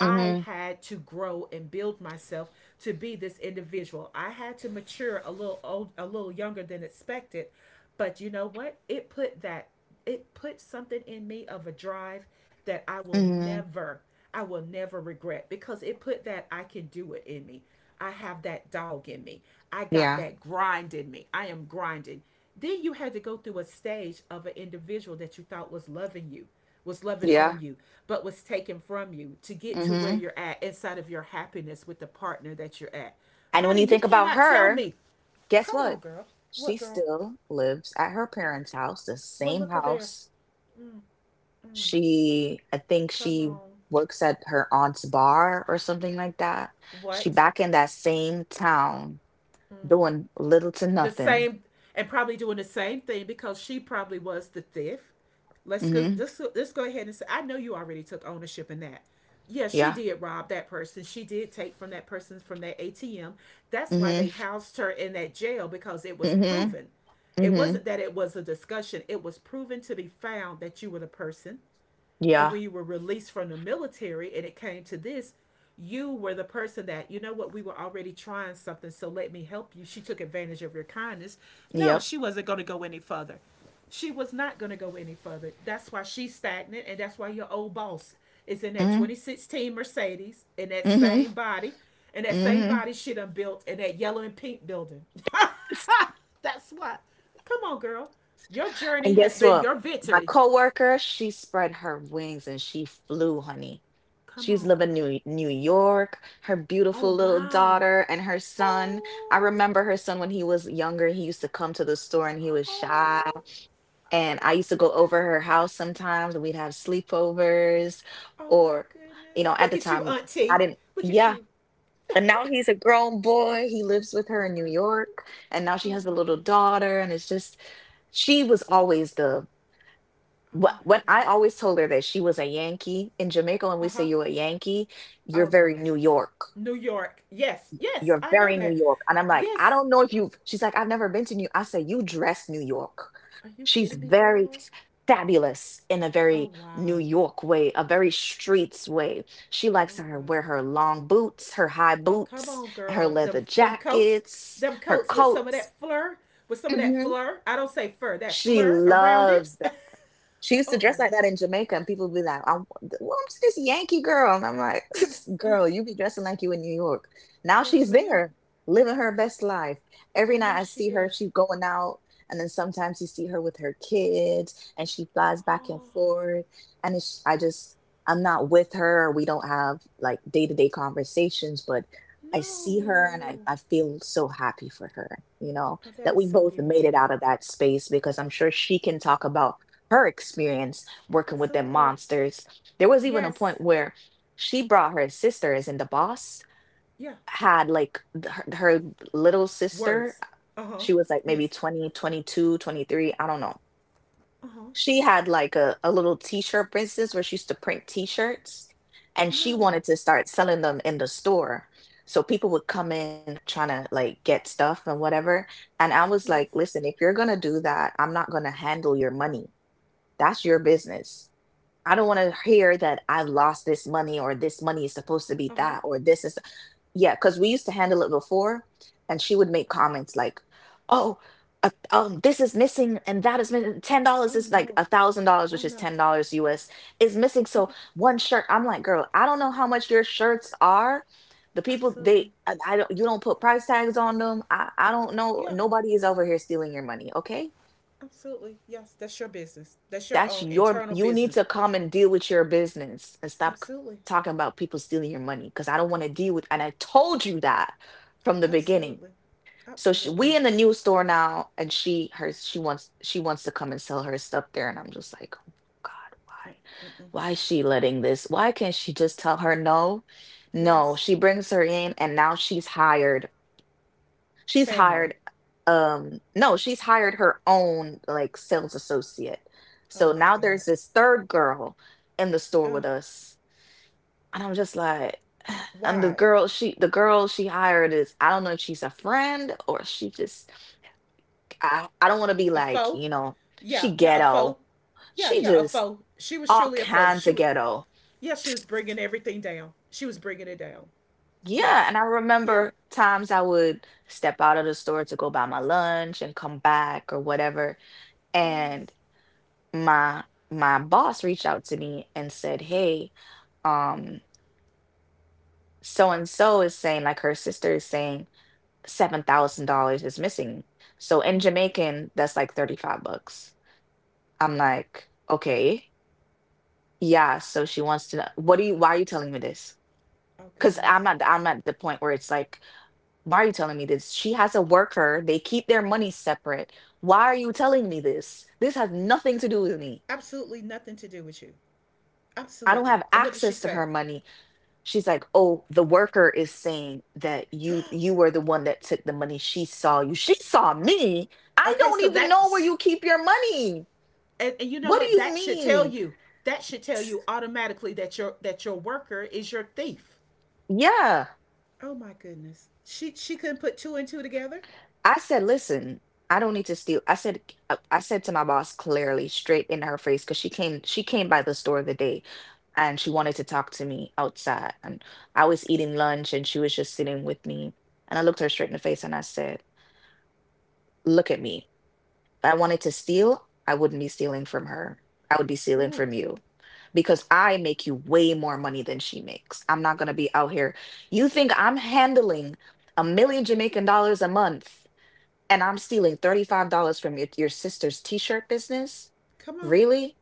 I Mm-hmm. had to grow and build myself to be this individual. I had to mature a little old, a little younger than expected. But you know what? It put something in me of a drive that Mm-hmm. I will never regret because it put that I can do it in me. I have that dog in me. I got Yeah. that grind in me. I am grinding. Then you had to go through a stage of an individual that you thought was loving you, was loving on Yeah. you, but was taken from you to get to where Mm-hmm. you're at inside of your happiness with the partner that you're at. And when Honey, you you think about cannot tell her, me. guess Come on, what? girl. She What girl? still lives at her parents' house, the Well, same look at there. house. She, I think Come she on. works at her aunt's bar or something like that. She What? back in that same town doing little to The nothing. same and probably doing the same thing because she probably was the thief. Let's go. Mm-hmm. Let's go ahead and say, I know you already took ownership in that. Yes, she Yeah. did rob that person. She did take from that person from that ATM. That's why they Mm-hmm. housed her in that jail because it was Mm-hmm. proven. It Mm-hmm. wasn't that it was a discussion. It was proven to be found that you were the person, and Yeah. when you were released from the military and it came to this, you were the person that, you know what, we were already trying something, so let me help you. She took advantage of your kindness. No, Yep. she wasn't going to go any further. She was not going to go any further. That's why she's stagnant, and that's why your old boss is in that Mm-hmm. 2016 Mercedes in that Mm-hmm. same body, and that same Mm-hmm. body she done built in that yellow and pink building. That's why. Come on, girl. Your And journey has guess been what? your My victory. coworker, she spread her wings and she flew, honey. Come She's on, living girl. in New York, her beautiful Oh little wow. daughter and her son. I Oh. remember her son when he was younger, he used to come to the store and he was shy. Oh. Oh And I my used to go goodness. over her house sometimes and we'd have sleepovers Oh my or goodness. At Look the at you, time I Auntie. didn't Look at yeah. you. Oh And now he's a grown boy. He lives with her in New my goodness. York, and now she Oh has a my little goodness. daughter and it's just she was always the Oh what my when I goodness. always told her that she was a Yankee in Jamaica. When Uh we say huh. you're a Yankee, Oh you're very girl. New York. New York. Yes. Yes. You're I know very New that. York. And I'm like, I Yes. don't know if you've she's like, I've never been to New, I say you dress New York. Are you She's kidding me, very girl? fabulous in a Oh very wow. New York way, a very streets way. She likes Oh her wear wow. her long boots, her high Oh come boots, on, and her girl. Them leather them coats. jackets, Them her coats with some of coats. that fleur. With some of that Mhm. fleur. I don't say fur. That She fleur around it. loves. She used to Oh, dress yes. like that in Jamaica, and people would be like, I'm, well, I'm this Yankee girl. And I'm like, Mm, mm. girl, you be dressing like you in New York. Now Yes, she's ma'am. there, living her best life. Every I know night I she see her, is. she's going out. And then sometimes you see her with her kids, and she flies back and Oh, forth. And it's, I just, I'm not with her. We don't have like day to day conversations, but I see her and I, no. I feel so happy for her, you know, Oh, that that is we so both made it beautiful. out of that space because I'm sure she can talk about her experience working with them Absolutely. monsters. There was even a Yes. point where she brought her sisters, and the boss Yeah. had like her little sister. Words. Uh huh. She was like maybe Yes. 20, 22, 23. I don't know. Uh huh. She had like a little t shirt business where she used to print t shirts and she No. wanted to start selling them in the store. So people would come in trying to like get stuff and whatever. And I was like, Yes. listen, if you're going to do that, I'm not going to handle your money. That's your business. I don't want to hear that I've lost this money or this money is supposed to Uh be huh. that or this is yeah, because we used to handle it before, and she would make Uh-huh. comments like, "Oh, this is missing, and that is missing. $10 Oh, is like no. $1,000, Oh, which is no. $10 US, is missing. So Yeah. one shirt, I'm like, girl, I don't know how much your shirts are. The people Absolutely. they, I don't, you don't put price tags on them. I don't know. Yeah. Nobody is over here stealing your money, okay? Absolutely. Yes. That's your business. That's your That's own your, internal you need business. to come and deal with your business and stop Absolutely. talking about people stealing your money because I don't want to deal with, and I told you that from the beginning. Absolutely. So she, Absolutely. we in the new store now, and she wants to come and sell her stuff there, and I'm just like, oh my God, Mm-mm-mm. why is she letting this? Why can't she just tell her no? No, Yes. she brings her in, and now she's hired She's Family. hired no, she's hired her own like sales associate. Oh, So my now God. there's this third girl in the store Ugh. with us. And I'm just like and the Why? girl she the girl she hired is I don't know if she's a friend or she just I don't want to be A like, foe. Yeah, she yeah, a ghetto. foe. Yeah, She yeah, a just foe. She was all truly a foe. kinds of ghetto. Yeah, she was bringing everything down. She was bringing it down. Yeah, Yes. and I Yeah. remember times I would step out of the store to go buy my lunch and come back or whatever. And Yes. my boss reached out to me and said, "Hey, um, so and so is saying like her sister is saying $7,000 is missing. So in Mm. Jamaican, that's like $35." I'm like, "Okay, yeah." So she wants to know, "What do you? Why are you telling me this?" Oh Because I'm goodness. at I'm at the point where it's like, "Why are you telling me this?" She has a worker; they keep their money separate. Why are you telling me this? This has nothing to do with me. Absolutely nothing to do with you. I don't Absolutely. have And what did she access to say? her money. She's like, oh, the worker is saying that you were the one that took the money. She saw you, she saw me. I Okay, don't so even know where that's, you keep your money. and you know What do what? you That should tell mean? you. That should tell you automatically that your worker is your thief. Yeah, Oh my goodness. She couldn't put two and two together. I said, listen, I don't need to steal. I said, I said to my boss clearly straight in her face because she came by the store the day and she wanted to talk to me outside, and I was eating lunch and she was just sitting with me. And I looked her straight in the face and I said, look at me. If I wanted to steal, I wouldn't be stealing from her. I would be stealing Ooh, from you because I make you way more money than she makes. I'm not going to be out here. You think I'm handling 1 million Jamaican dollars a month and I'm stealing $35 from your sister's t shirt business? come on. Really?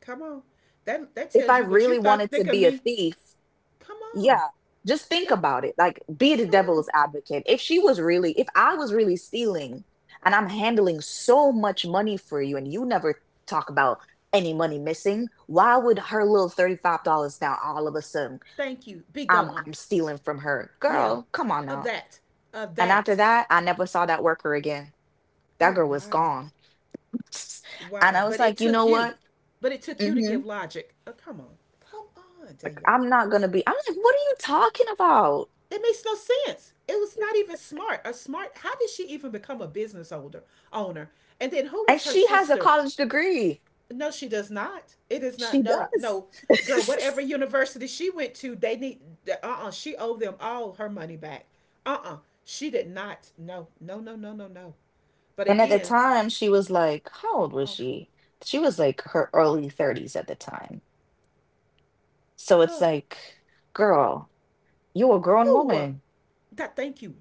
Come on. That that If I tells you what you really thought wanted to think of be a me. thief, Come on. yeah. Just think That about it. Like, be the come on. devil's advocate. If she was really, if I was really stealing and I'm handling so much money for you and you never talk about any money missing, why would her little $35 now all of a sudden Thank you. Be I'm gone. I'm stealing from her? Yeah. Girl, come on Of now. that. Of And after that. that, I never saw that worker again. That Oh girl was wow. gone. And I Wow. was But it like, you know took you. what? But it took you to Hmm. give logic. Oh, come on. Come on, Like, Danielle. I'm not gonna be. I'm like, what are you talking about? It makes no sense. It was not even smart. A smart How did she even become a business owner? And then who And was her she has a sister? college degree. No, she does not. It is not. She No, does. no, girl. Whatever university she went to, they need. She owed them all her money back. Uh, uh She did not. No, no, no, no, no, no. But And at the again, time, she was like, how old was awful. she? She was like her early 30s at the time. So it's Uh, like, girl, you're a grown no, woman. that. Thank you.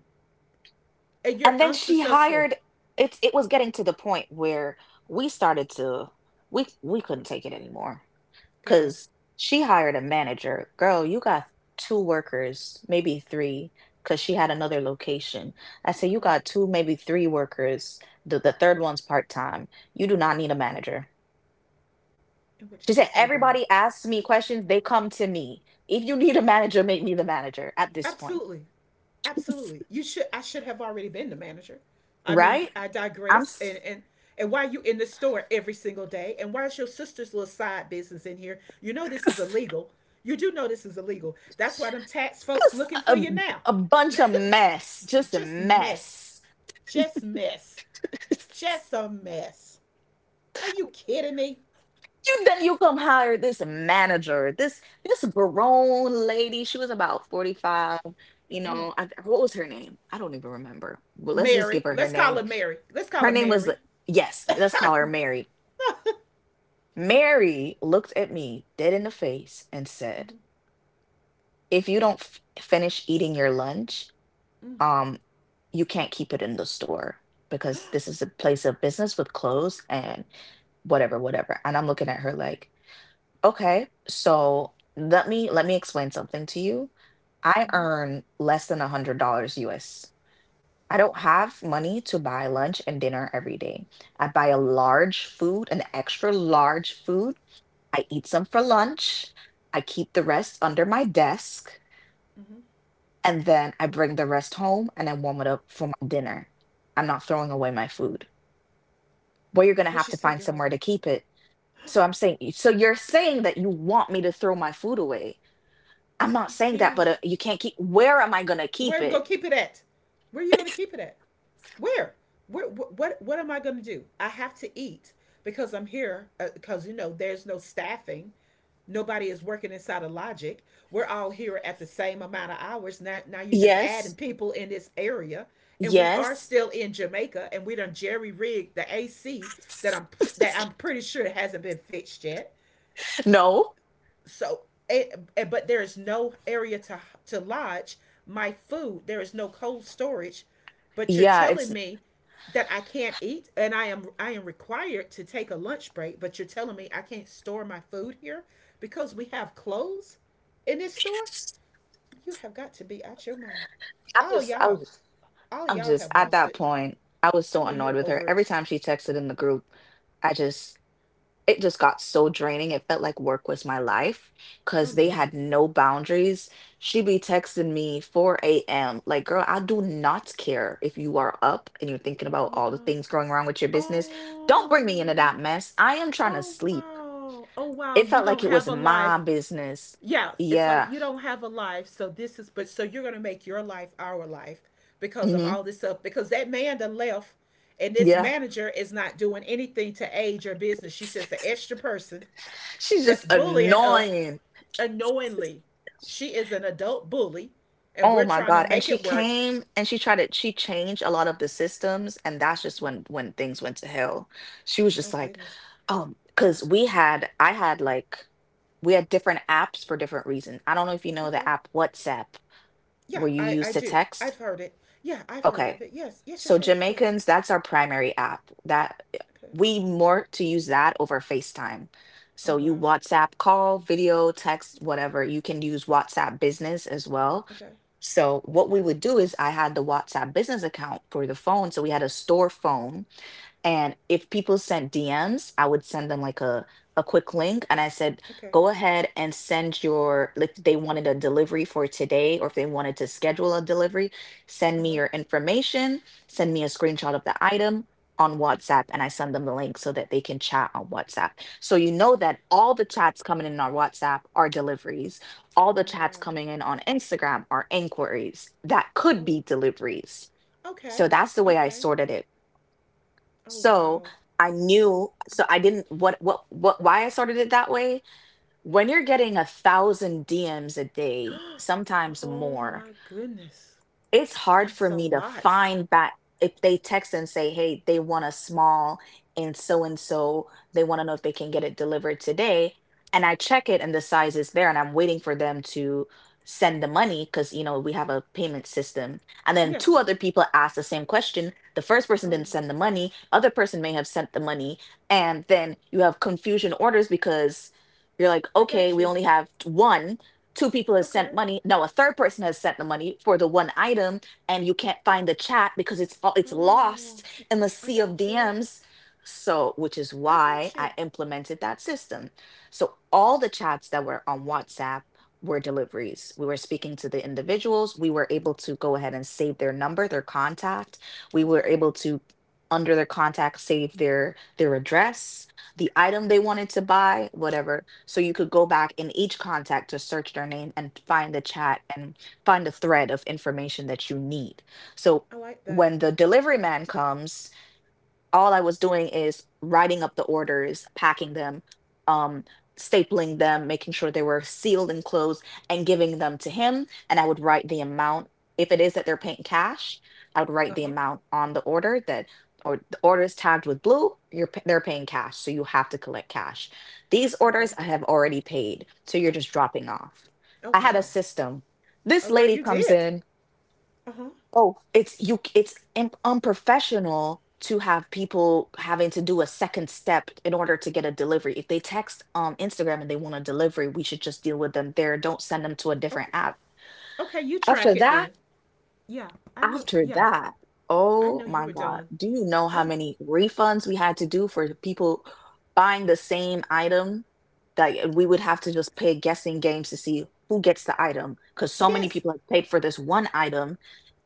And you're And then she unsuccessful, hired, it's it was getting to the point where we started to we couldn't take it anymore, girl. because she hired a manager. Girl, you got two workers, maybe three, because she had another location. I say Uh you huh. got two, maybe three workers. The third one's part time. You do not need a manager. And what did She she said, say, girl? everybody asks me questions, they come to me. If you need a manager, make me the manager at this point. Absolutely. Absolutely. You should I should have already been the manager. I mean, Right? I I'm digress and s- and and why you in the store every single day and why is your sister's little side business in here? You know this is illegal. You do know this is illegal. That's why them tax folks just looking for a, you now. a bunch of mess, just a Just mess. mess. Just mess. Just a mess. Are you kidding me? You then you come hire this manager, this grown lady. She was about 45, you know, I, what was her name? I don't even remember. But let's just Mary. give her her Let's call name. her Mary. Let's call Her her name was, Mary. yes, let's call her Mary. Mary looked at me dead in the face and said, Mm-hmm. "If you don't finish eating your lunch, Mm-hmm. um you can't keep it in the store because this is a place of business with clothes and whatever, whatever." And I'm looking at her like, okay, so let me explain something to you. I Mm-hmm. earn less than $100 US. I don't have money to buy lunch and dinner every day. I buy a large food, an extra large food. I eat some for lunch. I keep the rest under my desk, Mm-hmm. and then I bring the rest home and I warm it up for my dinner. I'm not throwing away my food. Well, you're gonna But have she to said, find girl, somewhere to keep it. So I'm saying, so you're saying that you want me to throw my food away. I'm are not you saying that, but serious? you can't keep. Where am I going to Where keep are we it? gonna keep it at? Where are you gonna keep it at? Where? Where? What? What am I gonna do? I have to eat because I'm here. Because you know, there's no staffing. Nobody is working inside of logic. We're all here at the same amount of hours. Now you're just adding Yes. people in this area, and we are Yes. still in Jamaica, and we done jerry rigged the AC that I'm pretty sure hasn't been fixed yet. No. So, but there is no area to lodge my food. There is no cold storage. But you're Yeah, it's telling me that I can't eat, and I am required to take a lunch break. But you're telling me I can't store my food here because we have clothes in this store. You have got to be out your mind. I All just I y'all, was. all I'm y'all just have at lost that it. point, I was I so know annoyed you're with her. over Every it. time she texted in the group, I just it just got so draining. It felt like work was my life Oh because they no. had no boundaries. She be texting me 4 a.m. Like, girl, I do not care if you are up and you're thinking about Yeah. all the things going wrong with your business. Don't bring me into Oh. that mess. I am trying to Oh sleep. wow. Oh wow. It You felt like don't it have was a my life. business. Yeah, it's like Yeah. you don't have a life, so this is but so you're gonna make your life our life because of Hmm. all this stuff. Because that man that left and this Yeah. manager is not doing anything to aid your business. She's just an extra person She's that's just bullying us annoying. unknowingly. She is an adult bully and Oh we're my trying to God. And make she it work. came and she tried to, she changed a lot of the systems. And that's just when things went to hell. She was just Oh like, goodness. Because we had, I had like, we had different apps for different reasons. I don't know if you know the Okay. app WhatsApp Yeah, where you use I to do. text. I've heard it. Yeah, I've Okay. heard of it. Yes, So yes, yes, yes, Jamaicans, yes. that's our primary app. That eh, Okay. we more to use that over FaceTime. Oh So you wow. WhatsApp call, video, text, whatever. You can use WhatsApp business as well. Okay. So what we would do is I had the WhatsApp business account for the phone. So we had a store phone, and if people sent DMs, I would send them like a quick link and I said, Okay. go ahead and send your like they wanted a delivery for today or if they wanted to schedule a delivery, Uh send me huh. your information, send me a screenshot of the item on WhatsApp and I send them the link so that they can chat on WhatsApp. So you know Okay. that all the chats coming in on WhatsApp are deliveries. All the Oh chats wow. coming in on Instagram are inquiries that could Oh. be deliveries. Okay. So that's the way I Okay. sorted it, Oh so wow. I knew, so I didn't, why I sorted it that way? When you're getting a thousand DMs a day, sometimes Oh more, my goodness. it's hard That's for a me to lot. find back if they text and say, hey, they want a small and so, they want to know if they can get it delivered today. And I check it and the size is there, and I'm waiting for them to send the money because, you know, we have a payment system. And then two Yes. other people asked the same question. The first person Oh, didn't send the money, other person may have sent the money. And then you have confusion orders because you're like, I okay, got we you. only have one, two people have sent Okay. money, no, a third person has sent the money for the one item, and you can't find the chat because it's Oh, lost in the I sea of got you. DMs. So which is I why got I you. implemented that system. So all the chats that were on WhatsApp were deliveries, we were speaking to the individuals, we were able to go ahead and save their number, their contact, we were Okay. able to, under their contact, save their address, the item they wanted to buy, whatever. So you could go back in each contact to search their name and find the chat and find the thread of information that you need. So I like when the that. delivery man comes, all I was doing is writing up the orders, packing them, um, stapling them, making sure they were sealed and closed, and giving them to him. And I would write the amount. If it is that they're paying cash, I would write the Uh-huh. amount on the order that, or the order is tagged with blue. They're paying cash, so you have to collect cash. These Okay. orders I have already paid, so you're just dropping off. Oh I had a wow. system. This Oh girl, lady you comes did. in. Uh-huh. Oh, it's you. It's unprofessional to have people having to do a second step in order to get a delivery. If they text Instagram and they want a delivery, we should just deal with them there. Don't send them to a different Okay. app. Okay, you After track it then. that, Yeah. I know. after Yeah. that, I oh know you my were God, done. do you know how I many refunds we had to do for people buying the same item? That we would have to just s- play guessing games to see who gets the item because so many Yes. people have paid for this one item.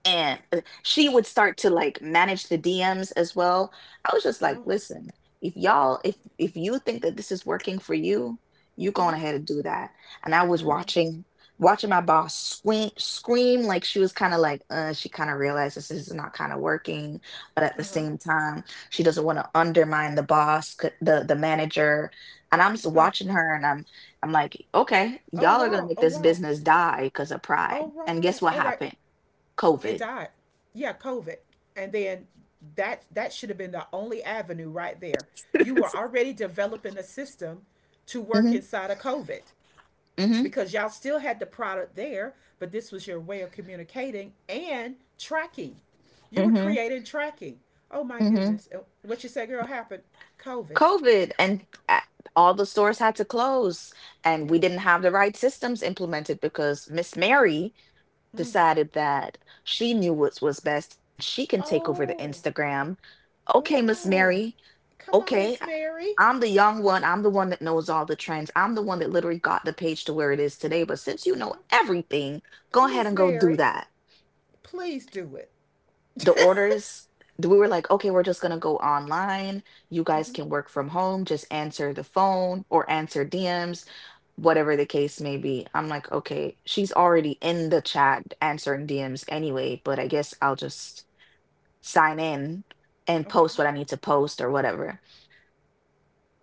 And she would start to like manage the DMs as well. I was just like, Oh. listen, if y'all, if you think that this is working for you, you go on Mhm. ahead and do that. And I was I know. watching, watching my boss scream, scream like she was kind of like she kind of realized this is not kind of working, but at the Uh-huh. same time she doesn't want to undermine the manager. And I'm just Oh. watching her and I'm like, okay, Oh y'all are gonna wow. make Oh this wow. business die because of All pride. And right. guess what All right. happened? It COVID. died. Yeah, COVID. And then that that should have been the only avenue right there. You were already developing a system to work hmm inside of COVID hmm because y'all still had the product there, but this was your way of communicating and tracking. You were hmm creating tracking. Oh my hmm goodness. What you say, girl, happened? COVID. COVID. And all the stores had to close, and we Yep. didn't have the right systems implemented because Miss Mary Mm. decided that she knew what was best and she can take over the Oh, Instagram. Okay, Miss oh. Mary. Come on, Okay, Miss I- Mary. I'm the young one. I'm the one that knows all the trends. I'm the one that literally got the page to where it is today. But since you know Okay. everything, go ahead Miss and go do Mary, that. please do it. the orders we were like, okay, we're just going to go online, you guys hmm can work from home, just answer the phone or answer DMs, whatever the case may be. I'm like, okay, she's already in the chat answering DMs anyway, but I guess I'll just sign in and Okay, post what I need to post or whatever.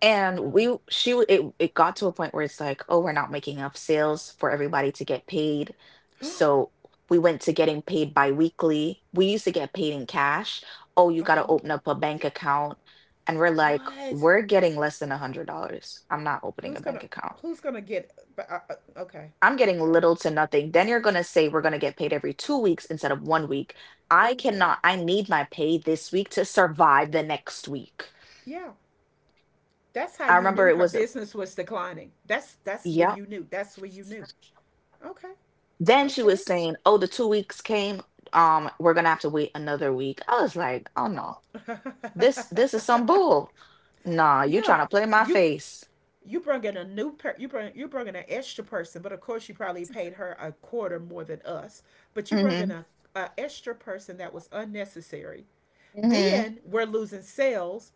And girl. we, she, w- It got to a point where it's like, oh, we're not making enough sales for everybody to get paid. Uh So we went to getting paid bi-weekly. We used to get paid in cash. Oh, you got to huh. open up a bank account. And we're like, What? we're getting less than a $100. I'm not opening Who's a gonna bank account. Who's gonna get? But okay, I'm getting okay. little to nothing. Then you're going to say we're going to get paid every 2 weeks instead of one week. I Oh, girl. cannot, I need my pay this week to survive the next week. Yeah, I that's remember how it you was, knew her business was declining. Yep. That's when you knew. That's when you knew. Okay, Then she was okay. saying, "Oh, the 2 weeks came. We're gonna have to wait another week." I was like, "Oh no, this is some bull. Nah, you Yeah, trying to play my you face?" you bring in a new per you bring in an extra person, but of course you probably paid her a quarter more than us. But you brought in Mm-hmm. A extra person that was unnecessary. Mm-hmm. Then we're losing sales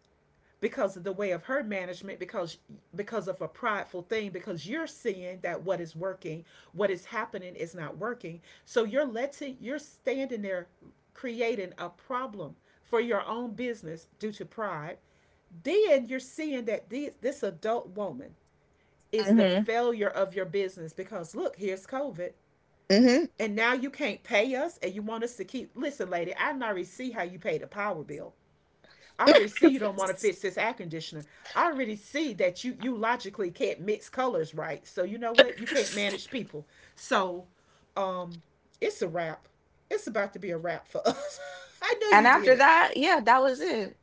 because of the way of her management because of a prideful thing because you're seeing that what is working what is happening is not working so you're letting you're standing there creating a problem for your own business due to pride. Then you're seeing that this adult woman is the Mm-hmm. failure of your business because look here's COVID Mm-hmm. and now you can't pay us and you want us to keep listen lady I already see how you pay the power bill. I already see you don't want to fix this air conditioner. I already see that you logically can't mix colors right. So you know what? You can't manage people. So um it's a wrap. It's about to be a wrap for us. I know and you did after it. that, yeah, that was it.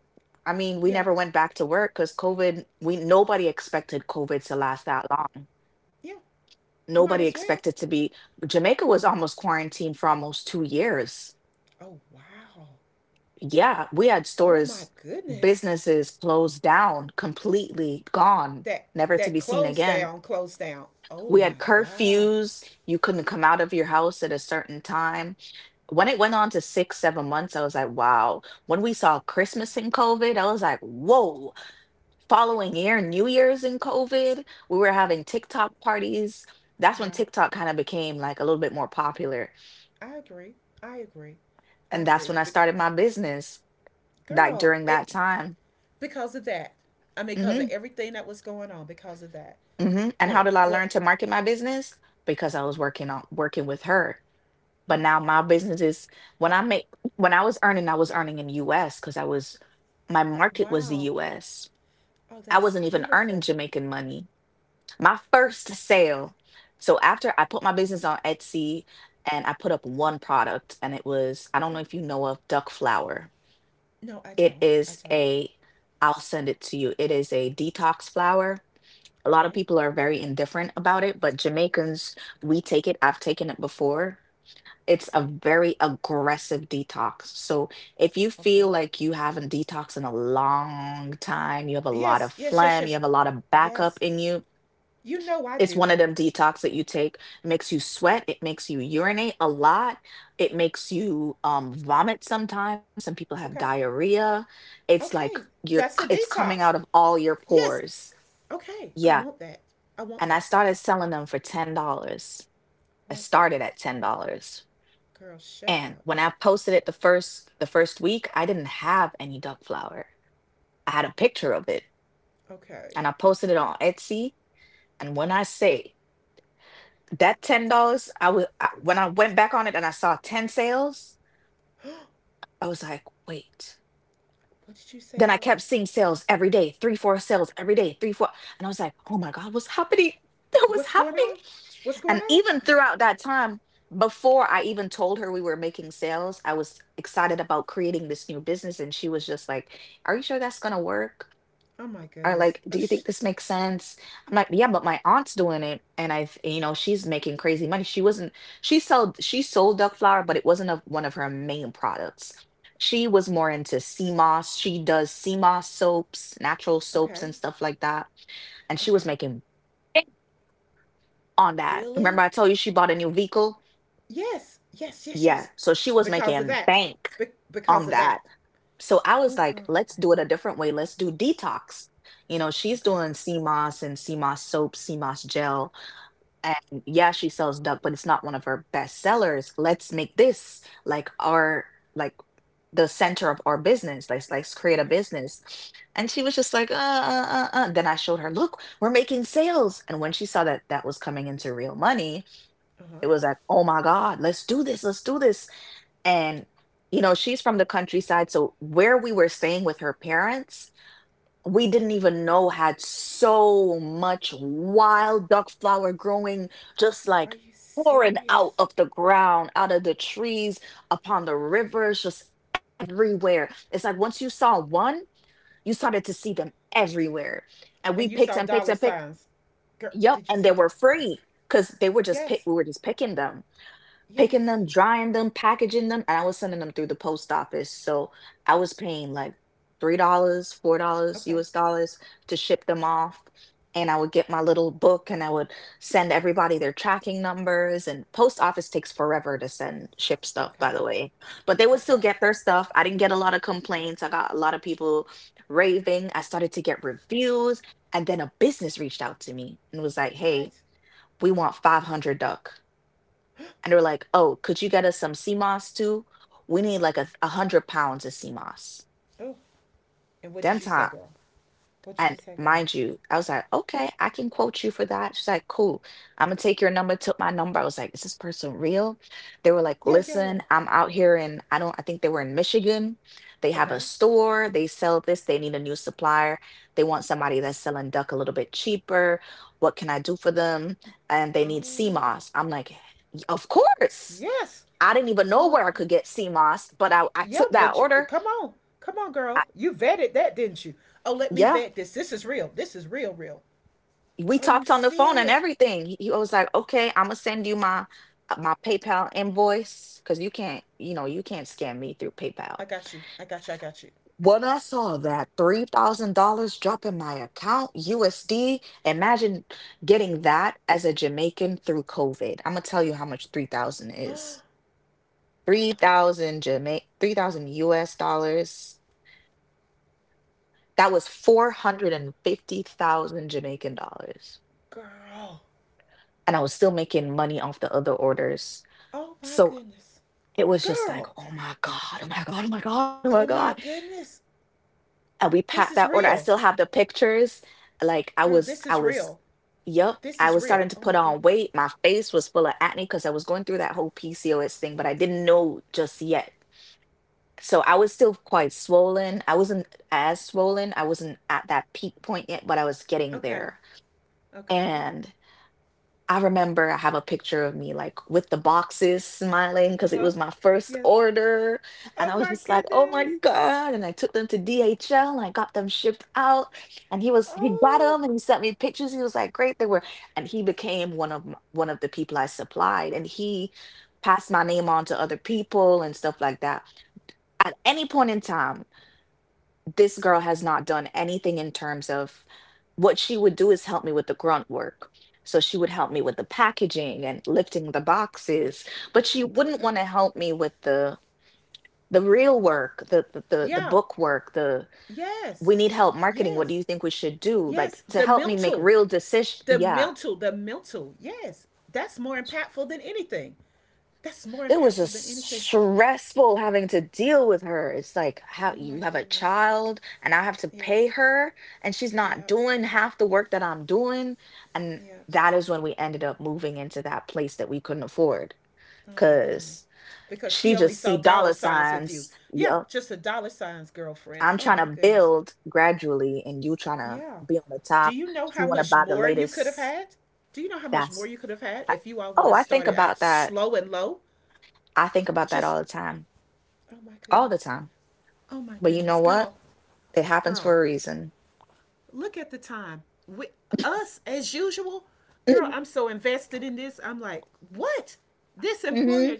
I mean, we Yeah. never went back to work because COVID. We, nobody expected COVID to last that long. Yeah. Might Nobody as well. expected to be. Jamaica was almost quarantined for almost 2 years. Oh wow. Yeah, we had Oh my stores, goodness. businesses closed down, completely gone, That never to that be seen close again. down, close down. Oh We had my God. curfews. You couldn't come out of your house at a certain time. When it went on to 6, 7 months, I was like, wow. When we saw Christmas in COVID, I was like, whoa. Following year, New Year's in COVID, we were having TikTok parties. That's when Yeah. TikTok kind of became like a little bit more popular. I agree. I agree. I And that's when agree. I But started my business, like girl, during that it time. because of that. I mean, because of Mhm. everything that was going on, because of that. hmm And how Well, did I well, learn to market my business? Because I was working on working with her. But now my business is, when I make, when I was earning in US because I was, my market was the wow. US. Oh, I that's wasn't even earning beautiful. Jamaican money. My first sale. So after I put my business on Etsy and I put up one product and it was, I don't know Okay. if you know of duck flower. No, I It don't. I is don't. a, I'll send it to you. It is a detox flower. A lot of Okay. people are very indifferent about it, but Jamaicans, we take it. I've taken it before. It's a Okay. very aggressive detox. So if you Okay. feel like you haven't detoxed in a long time, you have a lot Yes, of yes, yes, phlegm, you yes. have a lot of backup Yes. in you. You know I It's do. one of them detox that you take. It makes you sweat. It makes you urinate a lot. It makes you vomit sometimes. Some people have Okay. diarrhea. It's like Okay. That's a it's coming out detox. of all your Yes. pores. Okay. I Yeah, want that. I want and I that. started selling them for $10. I What? started at $10, Girl, shut and up. when I posted it the first week, I didn't have any duck flower. I had a picture of it, Okay. and I posted it on Etsy. And when I say that $10, when I went back on it and I saw ten sales, I was like, wait. What did you say, Then I girl? kept seeing sales every day, three, four sales every day, three, four. And I was like, oh my God, what's happening? That was What's going happening. on? What's going And on? even throughout that time, before I even told her we were making sales, I was excited about creating this new business. And she was just like, are you sure that's going to work? Oh my Are goodness. like, "Do you think this makes sense?" I'm like, "Yeah, but my aunt's doing it, and I, you know, she's making crazy money." She wasn't, she sold duck flour, but it wasn't a, one of her main products. She was more into sea moss. She does sea moss soaps, natural soaps, Okay. and stuff like that. And she was Okay. making bank on that. Really? Remember, I told you she bought a new vehicle. Yes, yes, yes, Yeah, yes. so she was Because of making that. bank Because on of that. that. So I was Oh, like, girl. let's do it a different way. Let's do detox. You know, she's Okay, doing CMOS and CMOS soap, CMOS gel. And yeah, she sells duck, but it's not one of her best sellers. Let's make this like our, like the center of our business. Let's create a okay. business. And she was just like, Then I showed her, look, we're making sales. And when she saw that that was coming into real money, Uh huh. it was like, oh my God, let's do this. Let's do this. And, you know, she's from the countryside. So where we were staying with her parents, we didn't even know had so much wild duck flower growing, just Are like you pouring out serious? of the ground, out of the trees, upon the rivers, just everywhere. It's like once you saw one, you started to see them everywhere. And And we you picked saw and picked dollar and picked. signs. Girl, Yep. did you And see? they were Okay. free because they were just pick Yes, we were just picking them picking yes. them, drying them, packaging them, and I was sending them through the post office. So I was paying like $3, $4 Okay, US dollars to ship them off. And I would get my little book and I would send everybody their tracking numbers. And post office takes forever to send ship stuff, by okay, the way. But they would still okay. get their stuff. I didn't get a lot of complaints. I got a lot of people raving. I started to get reviews. And then a business reached out to me and was like, hey, What? we want 500 duck. And they were like, oh, could you get us some sea moss too? We need like 100 pounds of sea moss. Oh, and what Them did you time. say, girl? What did you And say, girl? mind you, I was like, okay, I can quote you for that. She's like, cool. I'm gonna take your number, took my number. I was like, is this person real? They were like, Yeah, yeah, yeah. listen, I'm out here in, I don't, I think they were in Michigan. They have a Okay. store, they sell this, they need a new supplier. They want somebody that's selling duck a little bit cheaper. What can I do for them? And they need sea Oh, moss. I'm like, "Y- of course. yes. I didn't even know Oh, where I girl. could get CMOS, but I Yeah, took that but you, order. come on, come on, I, girl. You vetted that, didn't you? Oh, let me yeah, vet this. This is real. This is real, real. we Are you talked on the phone and serious? everything. He was like, "Okay, I'm gonna send you my my PayPal invoice because you can't, you know, you can't scam me through PayPal." I got you. I got you. I got you. When I saw that $3,000 drop in my account USD, imagine getting that as a Jamaican through COVID. I'm gonna tell you how much 3,000 is. Three Oh, thousand Jamaican, 3,000 US dollars. That was 450,000 Jamaican dollars. girl. And I was still making money off the other orders. Oh my So goodness, it was just like, girl. oh my God, oh my God, oh my God, oh my Oh God. my goodness. And we packed This that is order. I still real, have the pictures. Like girl. This is real. yep, This I is was real. starting to Oh put my on goodness. weight. My face was full of acne because I was going through that whole PCOS thing, but I didn't know just yet. So I was still quite swollen. I wasn't as swollen. I wasn't at that peak point yet, but I was getting Okay. there. Okay. And I remember I have a picture of me like with the boxes smiling Uh because it huh. was my first Yes. order. And Oh I was my just like, oh my goodness. God. And I took them to DHL and I got them shipped out. And he got Oh. them and he sent me pictures. He was like, great, they were. And he became one of the people I supplied. And he passed my name on to other people and stuff like that. At any point in time, this girl has not done anything in terms of what she would do is help me with the grunt work. So she would help me with the packaging and lifting the boxes, but she wouldn't Okay. want to help me with the real work, the Yeah. book work, the Yes. we need help marketing. What do Yes. you think we should do? Yes. Like to The help me make mental real decisions. the Yeah. mental, the mental, yes, that's more impactful than anything. That's more It was impactful just than anything. stressful having to deal with her. It's like how Oh my you have a goodness. child and I have to Yeah, pay her and she's not yeah, doing half the work that I'm doing. And yes. that is when we ended up moving into that place that we couldn't afford Oh my goodness. because Because she she only just see saw dollar dollar signs with you. signs. Yeah, Yup. just a dollar signs, girlfriend. I'm Oh trying my to goodness. build gradually and you trying to Yeah. be on the Do top. you know You how want to much buy the more you could have latest. had? Do you know how much more That's, you could have had I- if you all would oh, have I think started out about that. slow and low? I think about that Just, all the time, oh my all the goodness. time. Oh my But you know goodness. what? Girl, It happens girl, for a reason. look at the time. With us as usual, girl, I'm so invested in this. I'm like, what? This Hmm. employer,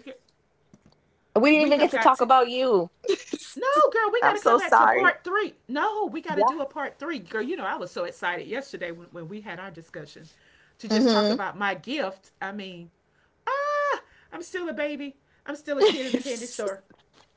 We didn't we even get have to got talk to. about you. No, girl, I'm we got to so come back to sorry. part three. No, we got to Yeah. do a part three. Girl, you know, I was so excited yesterday when we had our discussion to just talk Hmm. about my gift. I mean, ah, I'm still a baby. I'm still a kid in a candy store.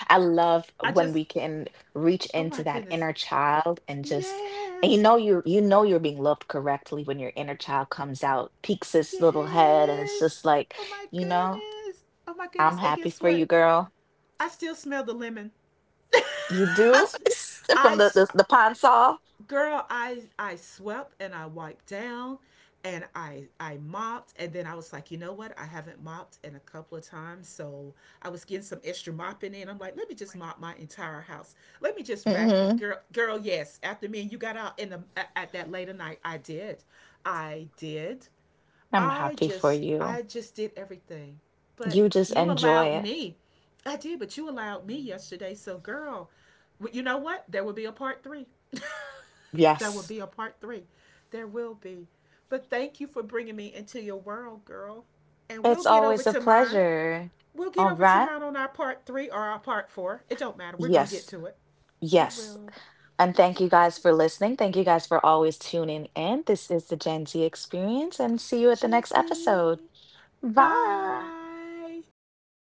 I love I when just, we can reach oh into my that goodness. inner child and just and you Yes. know you know you're being loved correctly when your inner child comes out, peeks its little head, and it's Yes. just like, Oh my you know, goodness. Oh my I'm goodness. And happy guess for you, what? girl. I still smell the lemon. You I, do from I, the pine saw. girl, I swept and I wiped down and I mopped and then I was like, you know what? I haven't mopped in a couple of times, so I was getting some extra mopping in. I'm like, let me just mop my entire house. Let me just vacuum, Hmm. girl. Girl, yes. After me and you got out in the at that later night, I did. I did. I'm happy for you. I just did everything. But You just you enjoy allowed it. me. I did, but you allowed me yesterday. So girl, you know what? There will be a part 3. There will Yes. be a part 3. There will be. But thank you for bringing me into your world, girl. And we'll It's get over always a to mine. pleasure. We'll get All over to right. mine on our part 3 or our part 4. It don't matter. We're going to get Yes. to it. We Yes. will. And thank you guys for listening. Thank you guys for always tuning in. This is the Gen Z Experience, and see you at the Gen next Z. episode. Bye. Bye.